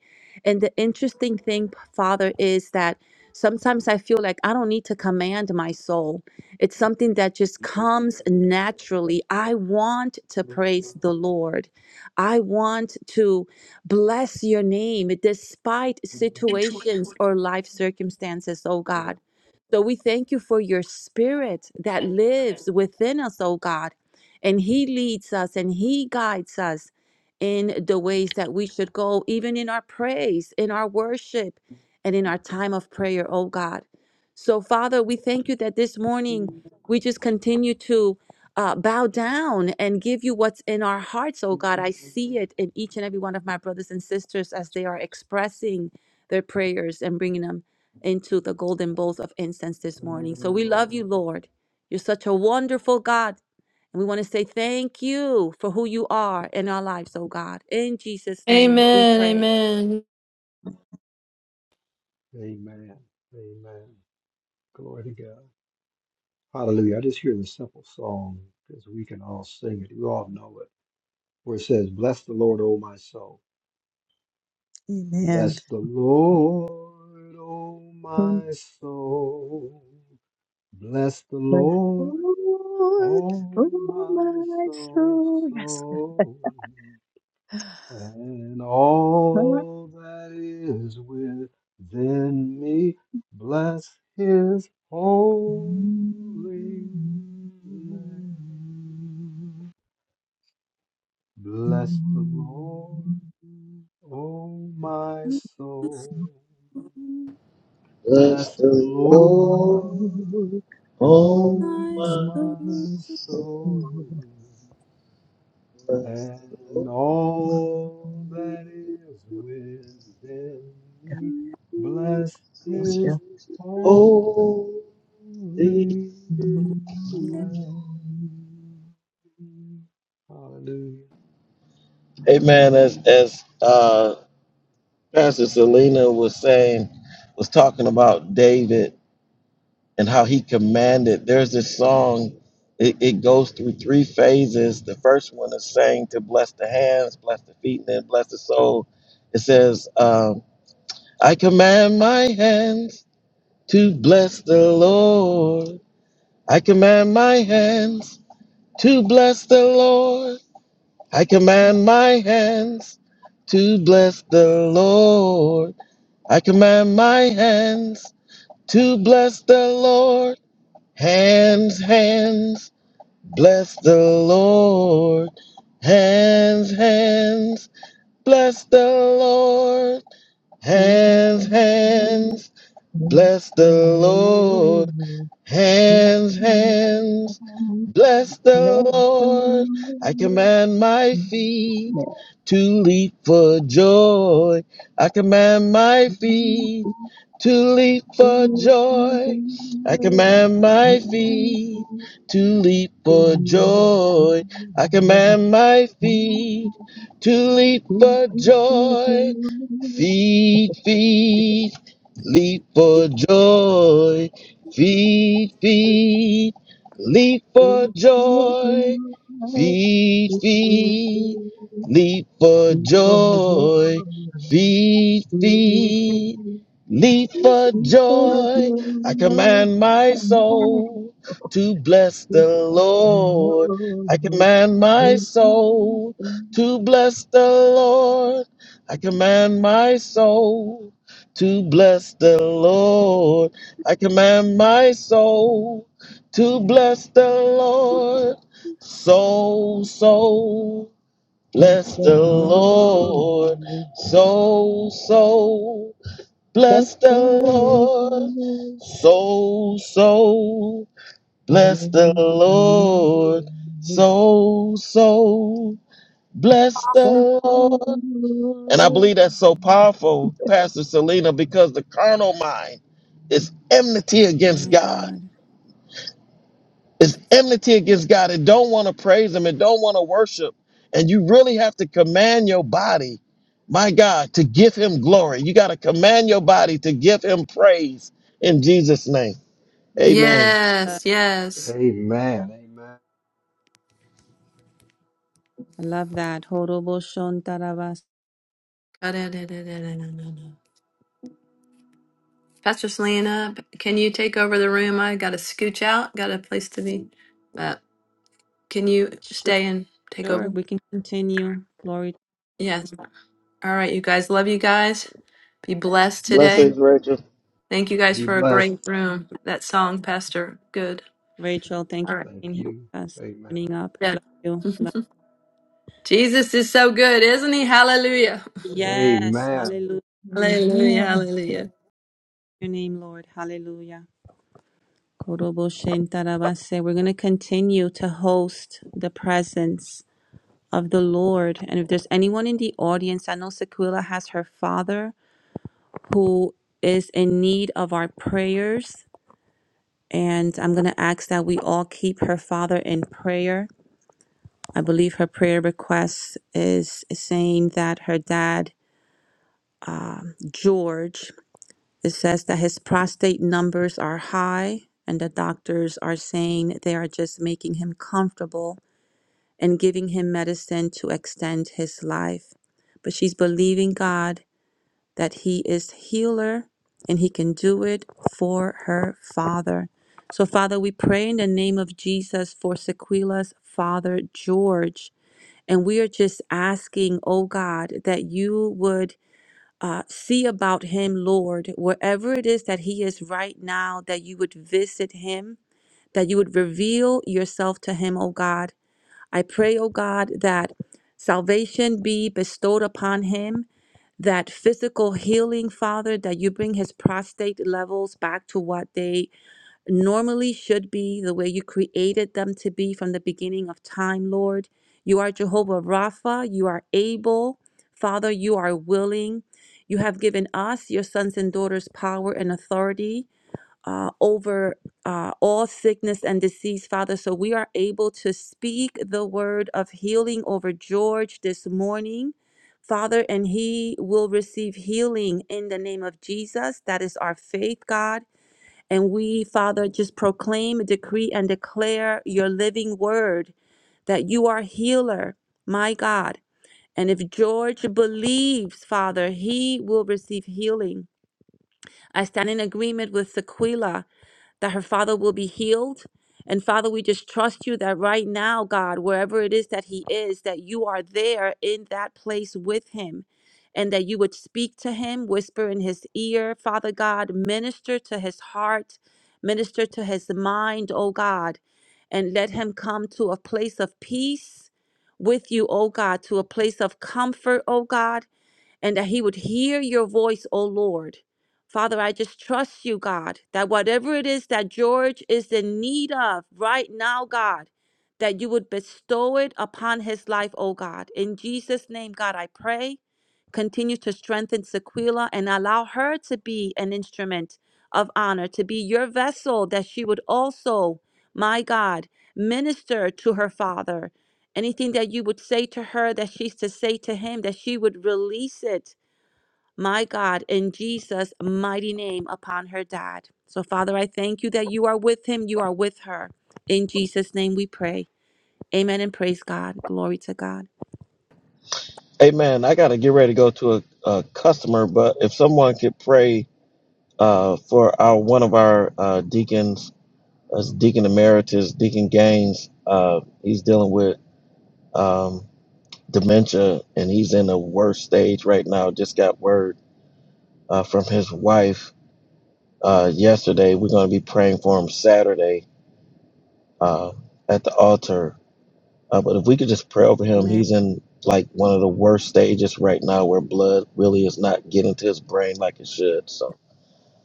And the interesting thing, Father, is that sometimes I feel like I don't need to command my soul. It's something that just comes naturally. I want to praise the Lord. I want to bless your name despite situations or life circumstances, oh God. So we thank you for your spirit that lives within us, oh God. And he leads us and he guides us in the ways that we should go, even in our praise, in our worship, and in our time of prayer, oh God. So, Father, we thank you that this morning we just continue to uh, bow down and give you what's in our hearts, oh God. I see it in each and every one of my brothers and sisters as they are expressing their prayers and bringing them into the golden bowls of incense this morning. So we love you, Lord. You're such a wonderful God. And we want to say thank you for who you are in our lives, oh God. In Jesus' name we Amen. pray. Amen. Amen. Amen. Glory to God. Hallelujah. I just hear the simple song because we can all sing it. You all know it. where it says, Bless the Lord, O my soul. Amen. Bless the Lord, O my soul. Bless the With Lord, all Lord, O oh my my soul, soul. soul. And all that is within me, bless his holy name. Bless the Lord. O my soul, Bless bless the the Lord, Lord. oh O My my my soul, soul. soul, Bless the and Lord, all that is within me, bless bless His Yes. his holy. holy name. Hallelujah. Amen. As as uh, Pastor Selena was saying, was talking about David and how he commanded. There's this song. It, it goes through three phases. The first one is saying to bless the hands, bless the feet, and then bless the soul. It says, um, "I command my hands." to bless the Lord. I command my hands to bless the Lord. I command my hands to bless the Lord. I command my hands to bless the Lord. Hands, hands, bless the Lord. Hands, hands, bless the Lord. Hands, hands, bless the Lord. Hands, hands, bless the Bless the Lord. Let me Lord. feel His I glory. command my feet to leap for joy. I command my feet to leap for joy. I command The my Lord is feet good. to leap for and good. joy. I command my My soul feet to leap is for good. and joy. good. Feet, feet, leap for joy. Feed, feed, leap for My soul is good. joy. Feed, It's good. It's feed, good. leap for It's good. It's joy. good. Feed, feed, leap for For joy. I command my my soul soul to bless is the Lord. I good. command my Amen. soul Amen. to bless the Lord. I command my soul to bless the Lord. I command my soul to bless the Lord. Soul, soul, bless the Amen. Yeah. Lord. Soul, soul, bless Thank the Lord. Soul, soul, bless the Lord. Soul, soul, bless the Lord. And I believe that's so powerful, Pastor Selena, because the carnal mind is enmity against my God God. It's enmity against God It don't want to praise Him It don't want to worship. And you really have to command your body, my God, to give Him glory. You got to command your body to give Him praise in Jesus' name. So Amen. good. Yes. Yes. Amen. Amen. I love that. Horobo shontarabas. Pastor Selena, can you take over the room? I got to scooch out, got a place to be. But can you Sure, stay and take sure, over? we can continue. Glory to Yes. All right, you guys. Love you guys. Be blessed today. Blessings, Rachel. Thank you guys Be for a blessed. great room. That song, Pastor. Good. Rachel. Thank you All for right. Thank being here you. with us. Amen. Opening up. Yeah. Love you. Love Jesus is so good, isn't he? Hallelujah. you. Yes. Amen. Hallelujah. Hallelujah. Hallelujah. Your name, Lord. Hallelujah. Korobo Shentarabase. We're going to continue to host the presence of the Lord. And if there's anyone in the audience, I know Sequila has her father who is in need of our prayers. And I'm going to ask that we all keep her father in prayer. I believe her prayer request is saying that her dad, George, it says that his prostate numbers are high and the doctors are saying they are just making him comfortable and giving him medicine to extend his life. But she's believing God that he is healer and he can do it for her father. So, Father, we pray in the name of Jesus for Sequila's father, George. And we are just asking, oh God, that you would uh, see about him, Lord, wherever it is that he is right now, that you would visit him, that you would reveal yourself to him, oh God I pray, O God, that salvation be bestowed upon him, that physical healing, Father, that you bring his prostate levels back to what they normally should be, the way you created them to be from the beginning of time, Lord. You are Jehovah Rapha. You are able. Father, you are willing. You have given us, your sons and daughters, power and authority uh, over uh, all sickness and disease, Father. So we are able to speak the word of healing over George this morning, Father, and he will receive healing in the name of Jesus. That is our faith, God. And we, Father, just proclaim, decree, and declare your living word that you are healer, my God. And if George believes, Father, he will receive healing. I stand in agreement with Sequila that her father will be healed. And Father, we just trust you that right now, God, wherever it is that he is, that you are there in that place with him and that you would speak to him, whisper in his ear, Father God, minister to his heart, minister to his mind, oh God, and let him come to a place of peace with you, oh God, to a place of comfort, oh God and that he would hear your voice, O Lord. Father, I just trust you, God, that whatever it is that George is in need of right now, God, that you would bestow it upon his life, O God. In Jesus' name, God, I pray. Continue to strengthen Sequila and allow her to be an instrument of honor, to be your vessel, that she would also, my God, minister to her father Anything that you would say to her, that she's to say to him, that she would release it, my God, in Jesus' mighty name upon her dad. So, Father, I thank you that you are with him, you are with her. In Jesus' name we pray. Amen and praise God. Glory to God. Amen. I got to get ready to go to a, a customer, but if someone could pray uh, for our one of our uh, deacons, as Deacon Emeritus, Deacon Gaines, uh, he's dealing with. um, dementia and he's in a worse stage right now. Just got word uh, from his wife uh, yesterday. We're going to be praying for him Saturday uh, at the altar. Uh, but if we could just pray over him, Amen. he's in like one of the worst stages right now where blood really is not getting to his brain like it should. So,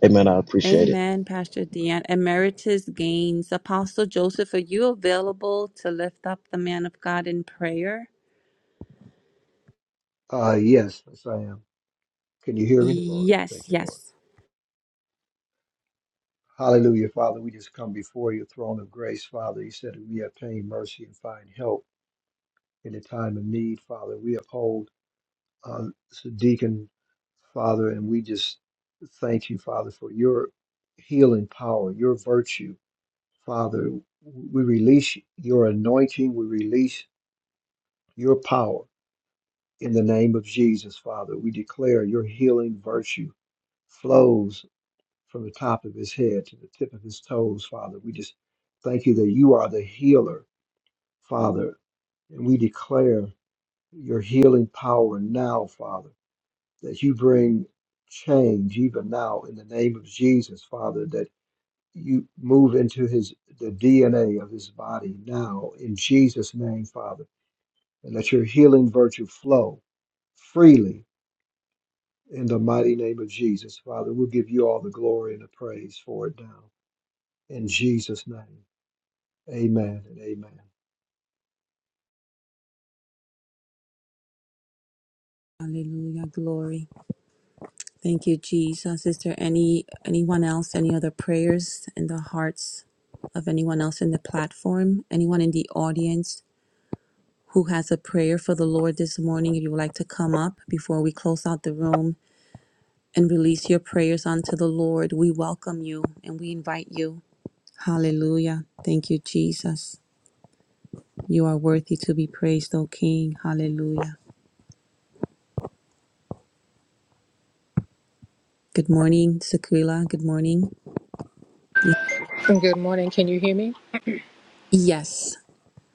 amen. I appreciate it. Amen, Pastor Deanne. Emeritus Gaines. Apostle Joseph, are you available to lift up the man of God in prayer? Uh, yes, yes, I am. Can you hear me? Yes, Thank you, Lord. yes. Hallelujah, Father. We just come before your throne of grace, Father. You said that we obtain mercy and find help in the time of need, Father. We uphold uh, Deacon, Father, and we just thank you, Father, for your healing power, your virtue, Father. We release your anointing. We release your power in the name of Jesus, Father. We declare your healing virtue flows from the top of his head to the tip of his toes, Father. We just thank you that you are the healer, Father. And we declare your healing power now, Father, that you bring change even now in the name of Jesus, Father, that you move into his the DNA of his body now in Jesus' name, Father, and let your healing virtue flow freely in the mighty name of Jesus, Father. We'll give you all the glory and the praise for it now. In Jesus' name. Amen and amen. Hallelujah. Glory. Thank you, Jesus. Is there any anyone else, any other prayers in the hearts of anyone else in the platform? Anyone in the audience who has a prayer for the Lord this morning? If you would like to come up before we close out the room and release your prayers unto the Lord, we welcome you and we invite you. Hallelujah. Thank you, Jesus. You are worthy to be praised, O King. Hallelujah. Good morning, Sequila. Good morning. Good morning. Can you hear me? Yes.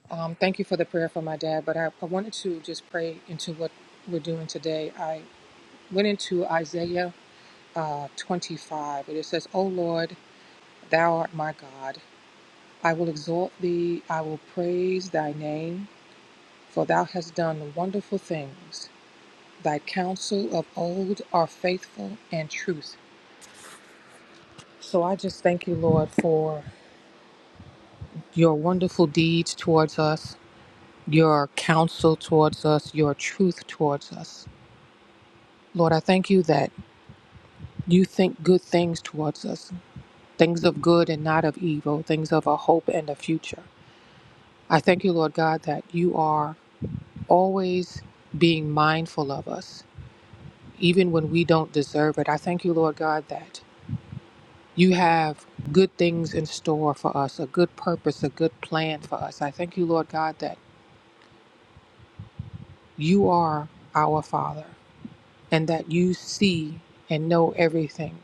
Um, thank you for the prayer for my dad, but I, I wanted to just pray into what we're doing today. I went into Isaiah uh, 25, and it says, O Lord, thou art my God. I will exalt thee, I will praise thy name, for thou hast done wonderful things. Thy counsel of old are faithful and truth. So I just thank you, Lord, for your wonderful deeds towards us, your counsel towards us, your truth towards us. Lord, I thank you that you think good things towards us, things of good and not of evil, things of a hope and a future. I thank you, Lord God, that you are always being mindful of us, even when we don't deserve it. I thank you, Lord God, that you have good things in store for us, a good purpose, a good plan for us. I thank you, Lord God, that you are our Father and that you see and know everything.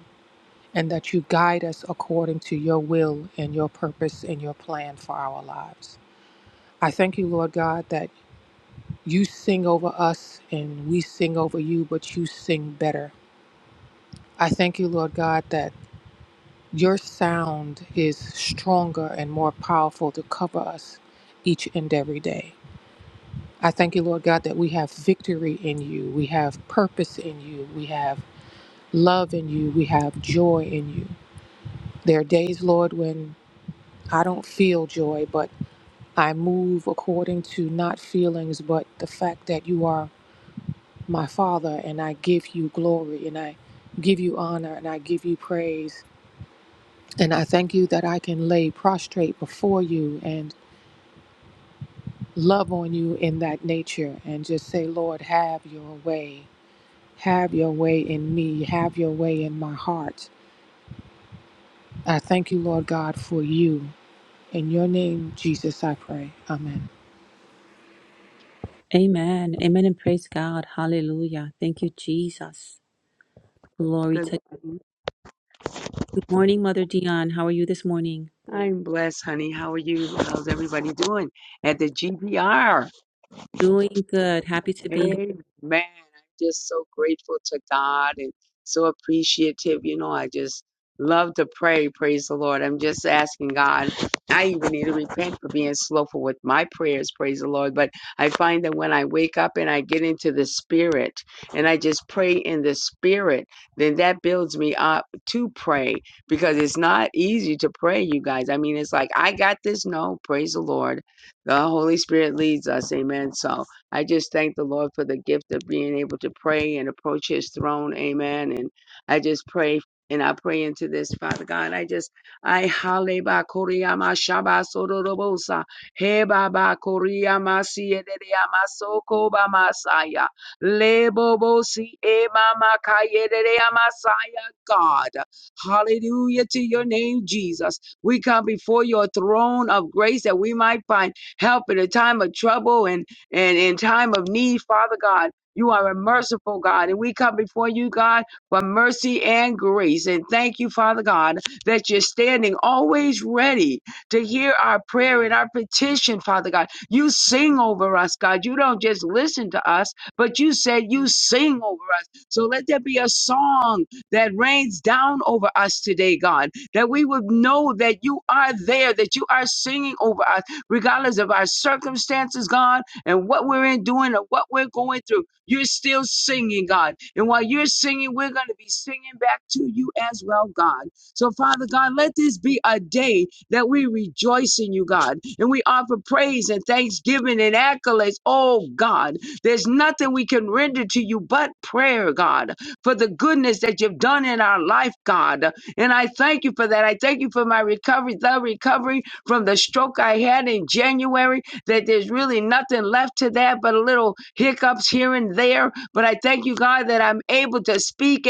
and that you guide us according to your will and your purpose and your plan for our lives. I thank you, Lord God, that you sing over us and we sing over you, but you sing better. I thank you, Lord God, that your sound is stronger and more powerful to cover us each and every day. I thank you, Lord God, that we have victory in you, we have purpose in you, we have love in you, we have joy in you. There are days, Lord, when I don't feel joy, but I move according to not feelings, but the fact that you are my Father, and I give you glory, and I give you honor, and I give you praise. And I thank you that I can lay prostrate before you and love on you in that nature and just say, Lord, have your way. Have your way in me. Have your way in my heart. I thank you, Lord God, for you. In your name, Jesus, I pray. Amen. Amen. Amen and praise God. Hallelujah. Thank you, Jesus. Glory Good to morning. Good morning, Mother Dion. How are you this morning? I'm blessed, honey. How are you? How's everybody doing at the GBR? Doing good. Happy to be here. Amen. I'm just so grateful to God and so appreciative. You know, I just love to pray. Praise the Lord. I'm just asking God. I even need to repent for being slothful with my prayers. Praise the Lord. But I find that when I wake up and I get into the spirit and I just pray in the spirit, then that builds me up to pray because it's not easy to pray, you guys. I mean, it's like, I got this. No, praise the Lord. The Holy Spirit leads us. Amen. So, I just thank the Lord for the gift of being able to pray and approach his throne. Amen. And I just pray and I pray into this, Father God. I just I haleba koriyama shaba sororobosa. He baba koriyama siedereyama soko ba masaya. Lebobosi e mama kayedereyama masaya. God. Hallelujah to your name, Jesus. We come before your throne of grace that we might find help in a time of trouble. And and in time of need, Father God, you are a merciful God. And we come before you, God, for mercy and grace. And thank you, Father God, that you're standing always ready to hear our prayer and our petition, Father God. You sing over us, God. You don't just listen to us, but you said you sing over us. So let there be a song that rains down over us today, God, that we would know that you are there, that you are singing over us, regardless of our circumstances, God and what we're in doing or what we're going through. You're still singing, God. And while you're singing, we're going to be singing back to you as well, God. So, Father God, let this be a day that we rejoice in you, God, and we offer praise and thanksgiving and accolades. Oh, God, there's nothing we can render to you but prayer, God, for the goodness that you've done in our life, God. And I thank you for that. I thank you for my recovery, the recovery from the stroke I had in January that there's really nothing left to that but a little hiccups here and there. But I thank you, God, that I'm able to speak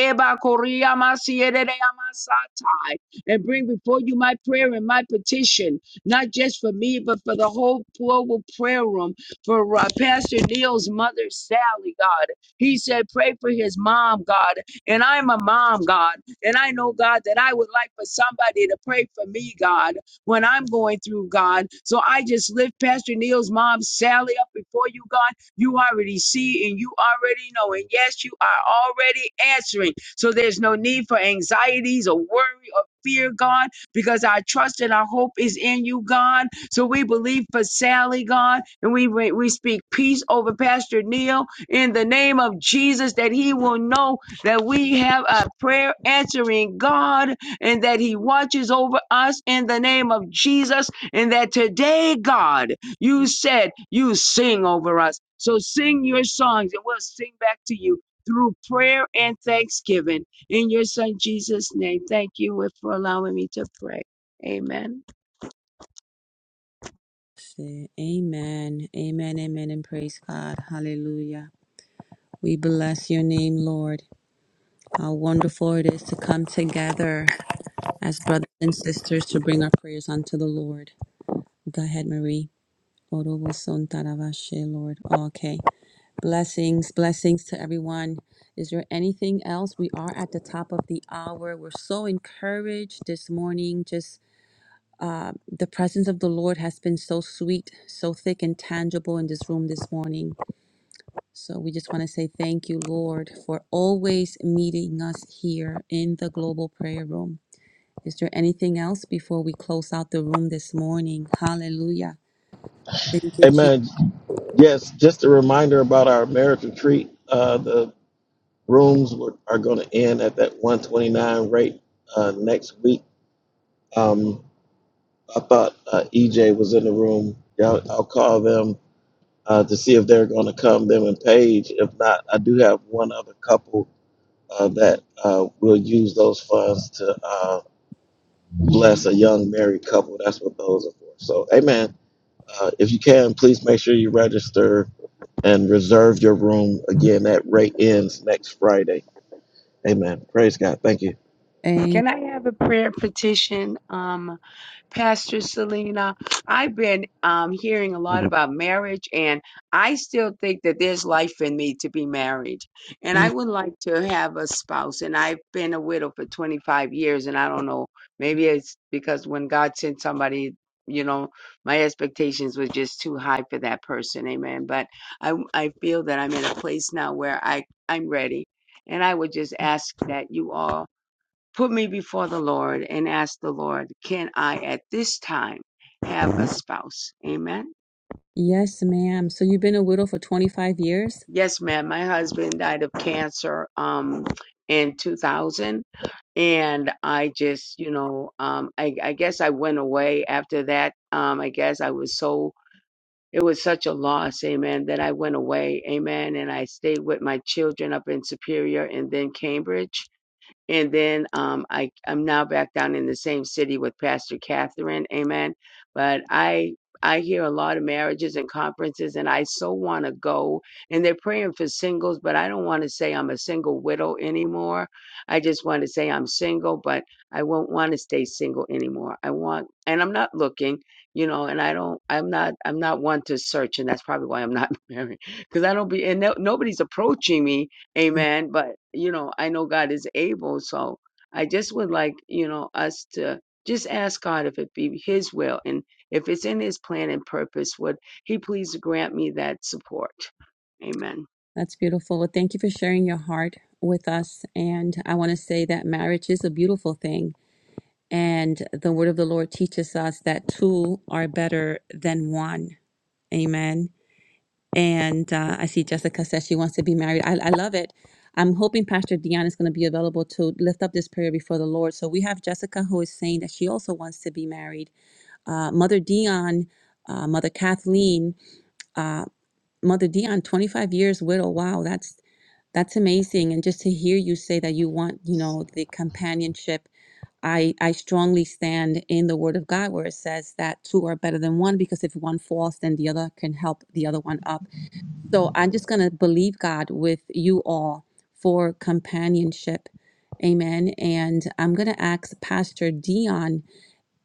and bring before you my prayer and my petition, not just for me, but for the whole global prayer room, for uh, Pastor Neil's mother, Sally, God. He said, pray for his mom, God. And I'm a mom, God. And I know, God, that I would like for somebody to pray for me, God when I'm going through, God. So I just lift Pastor Neil's mom, Sally, up before you, God. You already see and you already know. And yes, you are already answering. So there's no need for anxieties or worry or fear, God, because our trust and our hope is in you, God. So we believe for Sally, God, and we, we we speak peace over Pastor Neil in the name of Jesus that he will know that we have a prayer answering God and that He watches over us in the name of Jesus, and that today, God, you said you sing over us. So sing your songs, and we'll sing back to you through prayer and thanksgiving in your Son Jesus' name. Thank you for allowing me to pray. Amen. Say Amen. Amen. Amen and praise God. Hallelujah. We bless your name, Lord. How wonderful it is to come together as brothers and sisters to bring our prayers unto the Lord. Go ahead, Marie. Orobosontarabashe, Lord. Oh, okay. Blessings, blessings to everyone. Is there anything else? We are at the top of the hour. We're so encouraged this morning. Just uh, the presence of the Lord has been so sweet, so thick and tangible in this room this morning. So we just want to say thank you, Lord, for always meeting us here in the global prayer room. Is there anything else before we close out the room this morning? Hallelujah. Thank you, Jesus. Amen. Yes, just a reminder about our marriage retreat. Uh, the rooms were, are going to end at that 129 rate uh, next week. Um, I thought uh, EJ was in the room. I'll, I'll call them uh, to see if they're going to come, them and Paige. If not, I do have one other couple uh, that uh, will use those funds to uh, bless a young married couple. That's what those are for. So, amen. Uh, if you can, please make sure you register and reserve your room. Again, that rate ends next Friday. Amen. Praise God. Thank you. Can I have a prayer petition? Um, Pastor Selena, I've been um, hearing a lot about marriage, and I still think that there's life in me to be married. And I Amen. would like to have a spouse, and I've been a widow for 25 years, and I don't know, maybe it's because when God sent somebody, you know, my expectations were just too high for that person. Amen. But I, I feel that I'm in a place now where I, I'm ready. And I would just ask that you all Put me before the Lord and ask the Lord, can I at this time have a spouse? Amen. Yes, ma'am. So you've been a widow for 25 years? Yes, ma'am. My husband died of cancer um in 2000 and I just, you know, um I I guess I went away after that. Um I guess I was so it was such a loss, amen, that I went away, amen, and I stayed with my children up in Superior and then Cambridge And then um, I, I'm now back down in the same city with Pastor Catherine. Amen. But I I hear a lot of marriages and conferences, and I so want to go. And they're praying for singles, but I don't want to say I'm a single widow anymore. I just want to say I'm single, but I won't want to stay single anymore. I want, and I'm not looking, you know, and I don't, I'm not, I'm not one to search, and that's probably why I'm not married because I don't be, and no, nobody's approaching me Mm, Amen. But, you know, I know God is able. So I just would like, you know, us to just ask God if it be His will and if it's in His plan and purpose, would He please grant me that support? Amen. That's beautiful. Well, thank you for sharing your heart with us. And I want to say that marriage is a beautiful thing. And the word of the Lord teaches us that two are better than one. Amen. And uh, I see Jessica says she wants to be married. I, I love it. I'm hoping Pastor Dion is going to be available to lift up this prayer before the Lord. So we have Jessica who is saying that she also wants to be married. Uh, Mother Dion, uh, Mother Kathleen, uh, Mother Dion, 25 years widow. Wow, that's that's amazing. And just to hear you say that you want, you know, the companionship. I I strongly stand in the Word of God where it says that two are better than one because if one falls, then the other can help the other one up. So I'm just gonna believe God with you all for companionship. Amen. And I'm going to ask Pastor Dion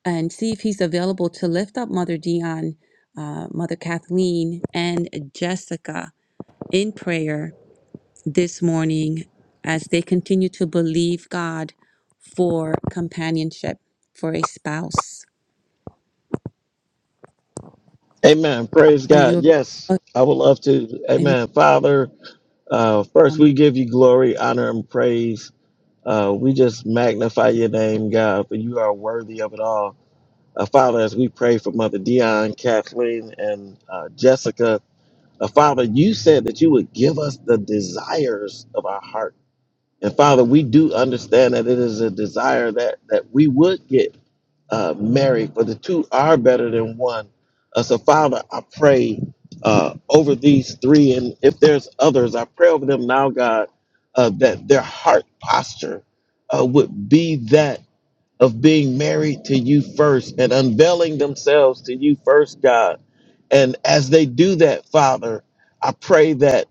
and see if he's available to lift up Mother Dion, uh, Mother Kathleen, and Jessica in prayer this morning as they continue to believe God for companionship, for a spouse. Amen. Praise Are God. you Yes, a, I would love to. a Amen. Father. Uh, first, Muslim? we give you glory, honor, and praise. Uh, we just magnify your name, God, for you are worthy of it all. Uh, Father, as we pray for Mother Dion, Kathleen, and uh, Jessica, uh, Father, you said that you would give us the desires of our heart. And Father, we do understand that it is a desire that, that we would get uh, married, for the two are better than one. Uh, so, Father, I pray uh, over these three, and if there's others, I pray over them now, God, uh, that their heart posture uh, would be that of being married to you first and unveiling themselves to you first, God. And as they do that, Father, I pray that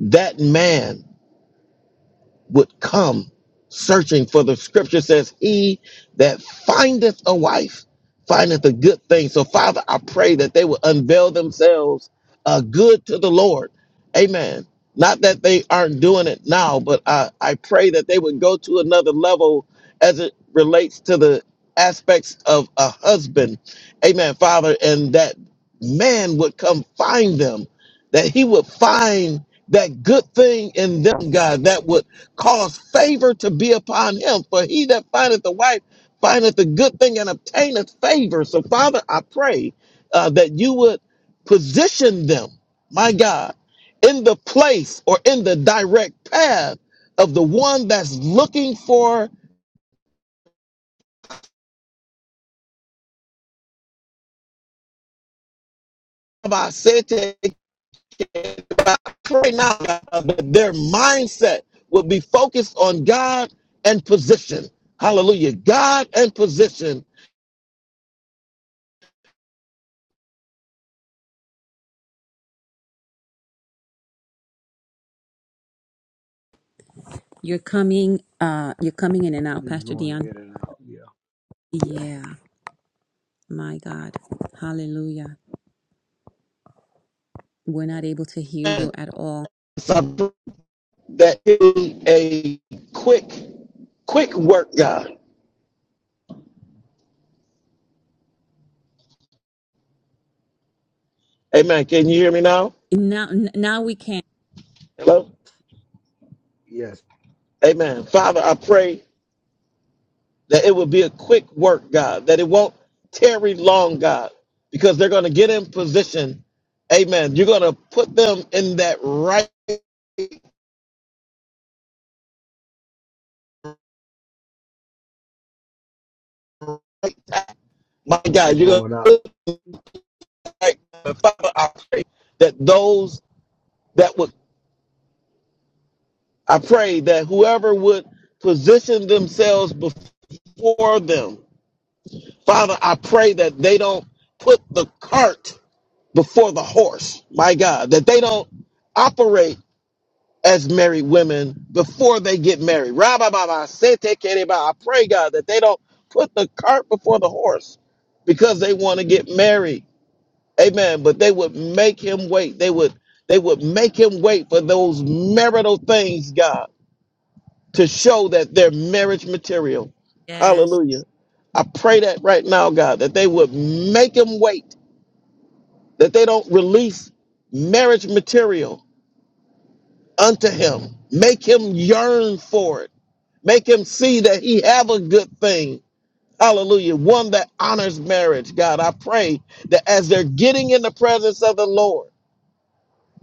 that man would come searching for the scripture says he that findeth a wife findeth a good thing so father i pray that they will unveil themselves uh, good to the lord amen not that they aren't doing it now but i, I pray that they would go to another level as it relates to the aspects of a husband amen father and that man would come find them that he would find that good thing in them god that would cause favor to be upon him. For he that findeth a wife findeth a good thing and obtaineth favor. So, Father, I pray uh, that you would position them, my God, in the place or in the direct path of the one that's looking for. Father, I said to pray now God, that their mindset will be focused on God and position. Hallelujah. God and position. You're coming, uh, you're coming in and out, You're Pastor going Dion. in and out. Yeah. Yeah, my God. Hallelujah. We're not able to hear you at all. that is a quick, quick work, God. Amen. Can you hear me now? Now, n- now we can. Hello? Yes. Amen. Father, I pray that it will be a quick work, God, that it won't tarry long, God, because they're going to get in position. Amen. You're going to put them in that right, time. my You're God. You're going to going out. put them right. time. Father, I pray that those that would, I pray that whoever would position themselves before them. Father, I pray that they don't put the cart before the horse, my God, that they don't operate as married women before they get married. Rabba sete kereba. I pray, God, that they don't put the cart before the horse because they want to get married. Amen. But they would make him wait. They would they would make him wait for those marital things, God to show that they're marriage material. Yes. Hallelujah. I pray that right now, God, that they would make him wait, that they don't release marriage material unto him. Make him yearn for it. Make him see that he have a good thing. Hallelujah. One that honors marriage, God. I pray that as they're getting in the presence of the Lord,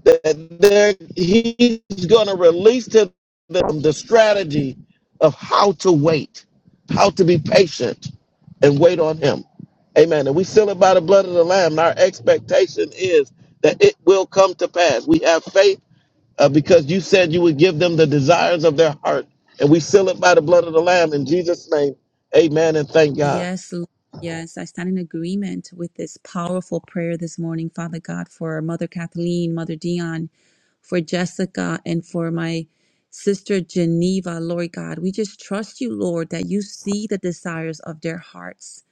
that there he's going to release to them the strategy of how to wait, how to be patient and wait on him. Amen. And we seal it by the blood of the Lamb. And our expectation is that it will come to pass. We have faith uh, because you said you would give them the desires of their heart. And we seal it by the blood of the Lamb in Jesus' name. Amen. And thank God. Yes. Lord. Yes. I stand in agreement with this powerful prayer this morning, Father God, for Mother Kathleen, Mother Dion, for Jessica and for my sister Geneva, Lord God. We just trust you, Lord, that you see the desires of their hearts.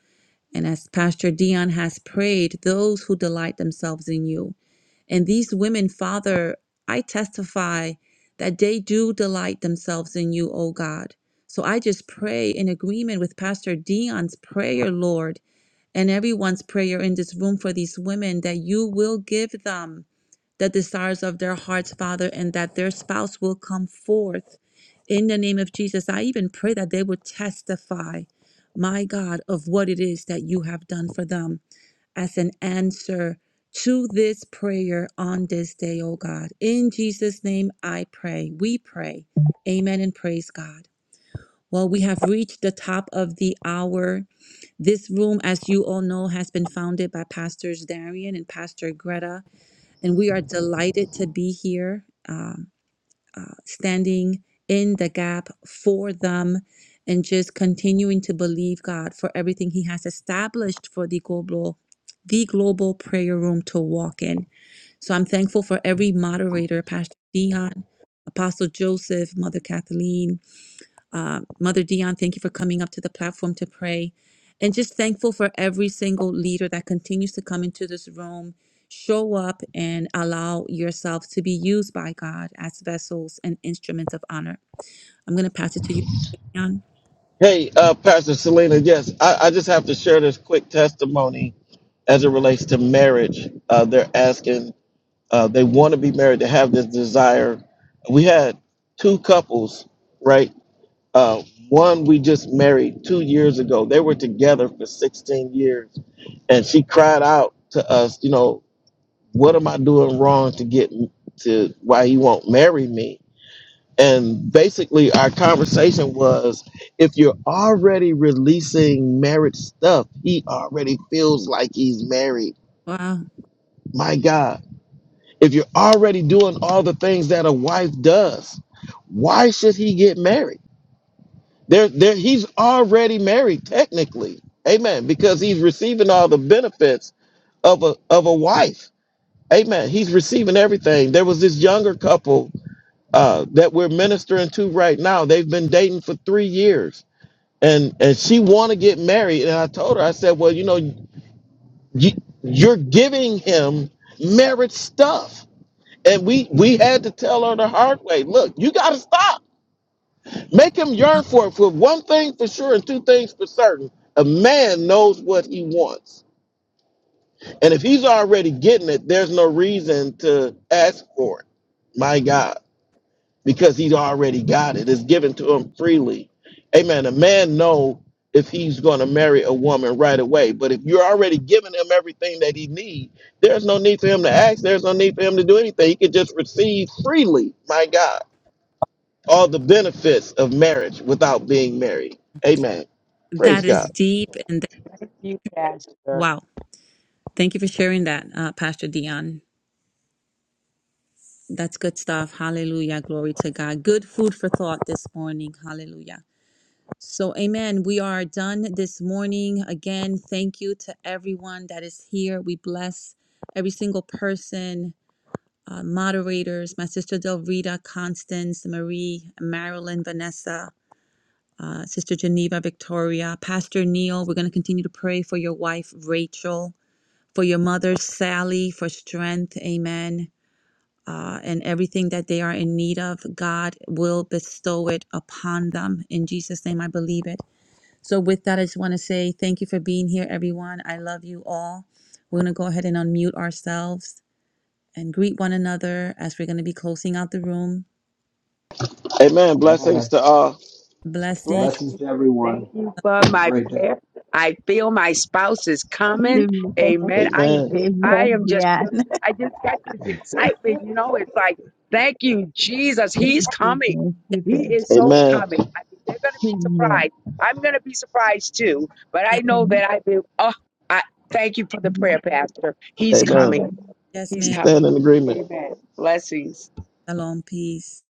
And as Pastor Dion has prayed, those who delight themselves in you. And these women, Father, I testify that they do delight themselves in you, O God. So I just pray in agreement with Pastor Dion's prayer, Lord, and everyone's prayer in this room for these women that you will give them the desires of their hearts, Father, and that their spouse will come forth in the name of Jesus. I even pray that they would testify, my God, of what it is that you have done for them as an answer to this prayer on this day, oh God. In Jesus' name, I pray. We pray. Amen and praise God. Well, we have reached the top of the hour. This room, as you all know, has been founded by Pastors Darian and Pastor Greta. And we are delighted to be here, um, uh, standing in the gap for them and just continuing to believe God for everything He has established for the global. The global prayer room to walk in. So I'm thankful for every moderator, Pastor Dion, Apostle Joseph, Mother Kathleen, uh, Mother Dion, thank you for coming up to the platform to pray. And just thankful for every single leader that continues to come into this room, show up, and allow yourself to be used by God as vessels and instruments of honor. I'm going to pass it to you, Dion. Hey, uh, Pastor Selena, yes, I, I just have to share this quick testimony as it relates to marriage. Uh, they're asking, uh, they want to be married, they have this desire. We had two couples, right? Uh, one we just married two years ago. They were together for 16 years, and she cried out to us, you know, what am I doing wrong to get to why you won't marry me? And basically, our conversation was if you're already releasing marriage stuff, he already feels like he's married. Wow. My God. If you're already doing all the things that a wife does, why should he get married? There, there, he's already married technically. Amen. Because he's receiving all the benefits of a of a wife. Amen. He's receiving everything. There was this younger couple uh, that we're ministering to right now. They've been dating for three years and and she want to get married and i told her i said well you know you, you're giving him marriage stuff and we we had to tell her the hard way look you got to stop make him Uh, yearn for it for one thing for sure and two things for certain a man knows what he wants and if he's already getting it there's no reason to ask for it my god because he's already got it. It's given to him freely. Amen. A man know if he's going to marry a woman right away, but if you're already giving him everything that he needs, there's no need for him to ask. There's no need for him to do anything. He can just receive freely. My God, all the benefits of marriage without being married. Amen. Praise That is God. deep. And th- You, Pastor. wow. Thank you for sharing that, uh, Pastor Dion. That's good stuff. Hallelujah. Glory to God. Good food for thought this morning. Hallelujah. So, amen. We are done this morning. Again, thank you to everyone that is here. We bless every single person, uh, moderators, my sister Del Rita, Constance, Marie, Marilyn, Vanessa, uh, Sister Geneva, Victoria, Pastor Neil. We're going to continue to pray for your wife, Rachel, for your mother, Sally, for strength. Amen. Uh, and everything that they are in need of, God will bestow it upon them. In Jesus' name, I believe it. So, with that, I just want to say thank you for being here, everyone. I love you all. We're going to go ahead and unmute ourselves and greet one another as we're going to be closing out the room. Amen. Blessings Amen. to all. Blessing. Blessings. Blessings to and everyone. thank you for you- Have a my great day. prayer. I feel my spouse is coming. you. Amen. I am Amen. just, I am just, feeling- I just got this excitement. You know, it's like, thank you, Jesus. He's Thank coming. Yes, you. He Thank is you. so Amen. coming. I mean, they're going to be Amen. surprised. I'm going to be surprised too. But I yes, know that I've been, oh, I thank you for the Amen. prayer, Pastor. He's Amen. Amen. coming. yes, He's We ma'am. coming. stand in agreement. Amen. Blessings. Shalom. Peace.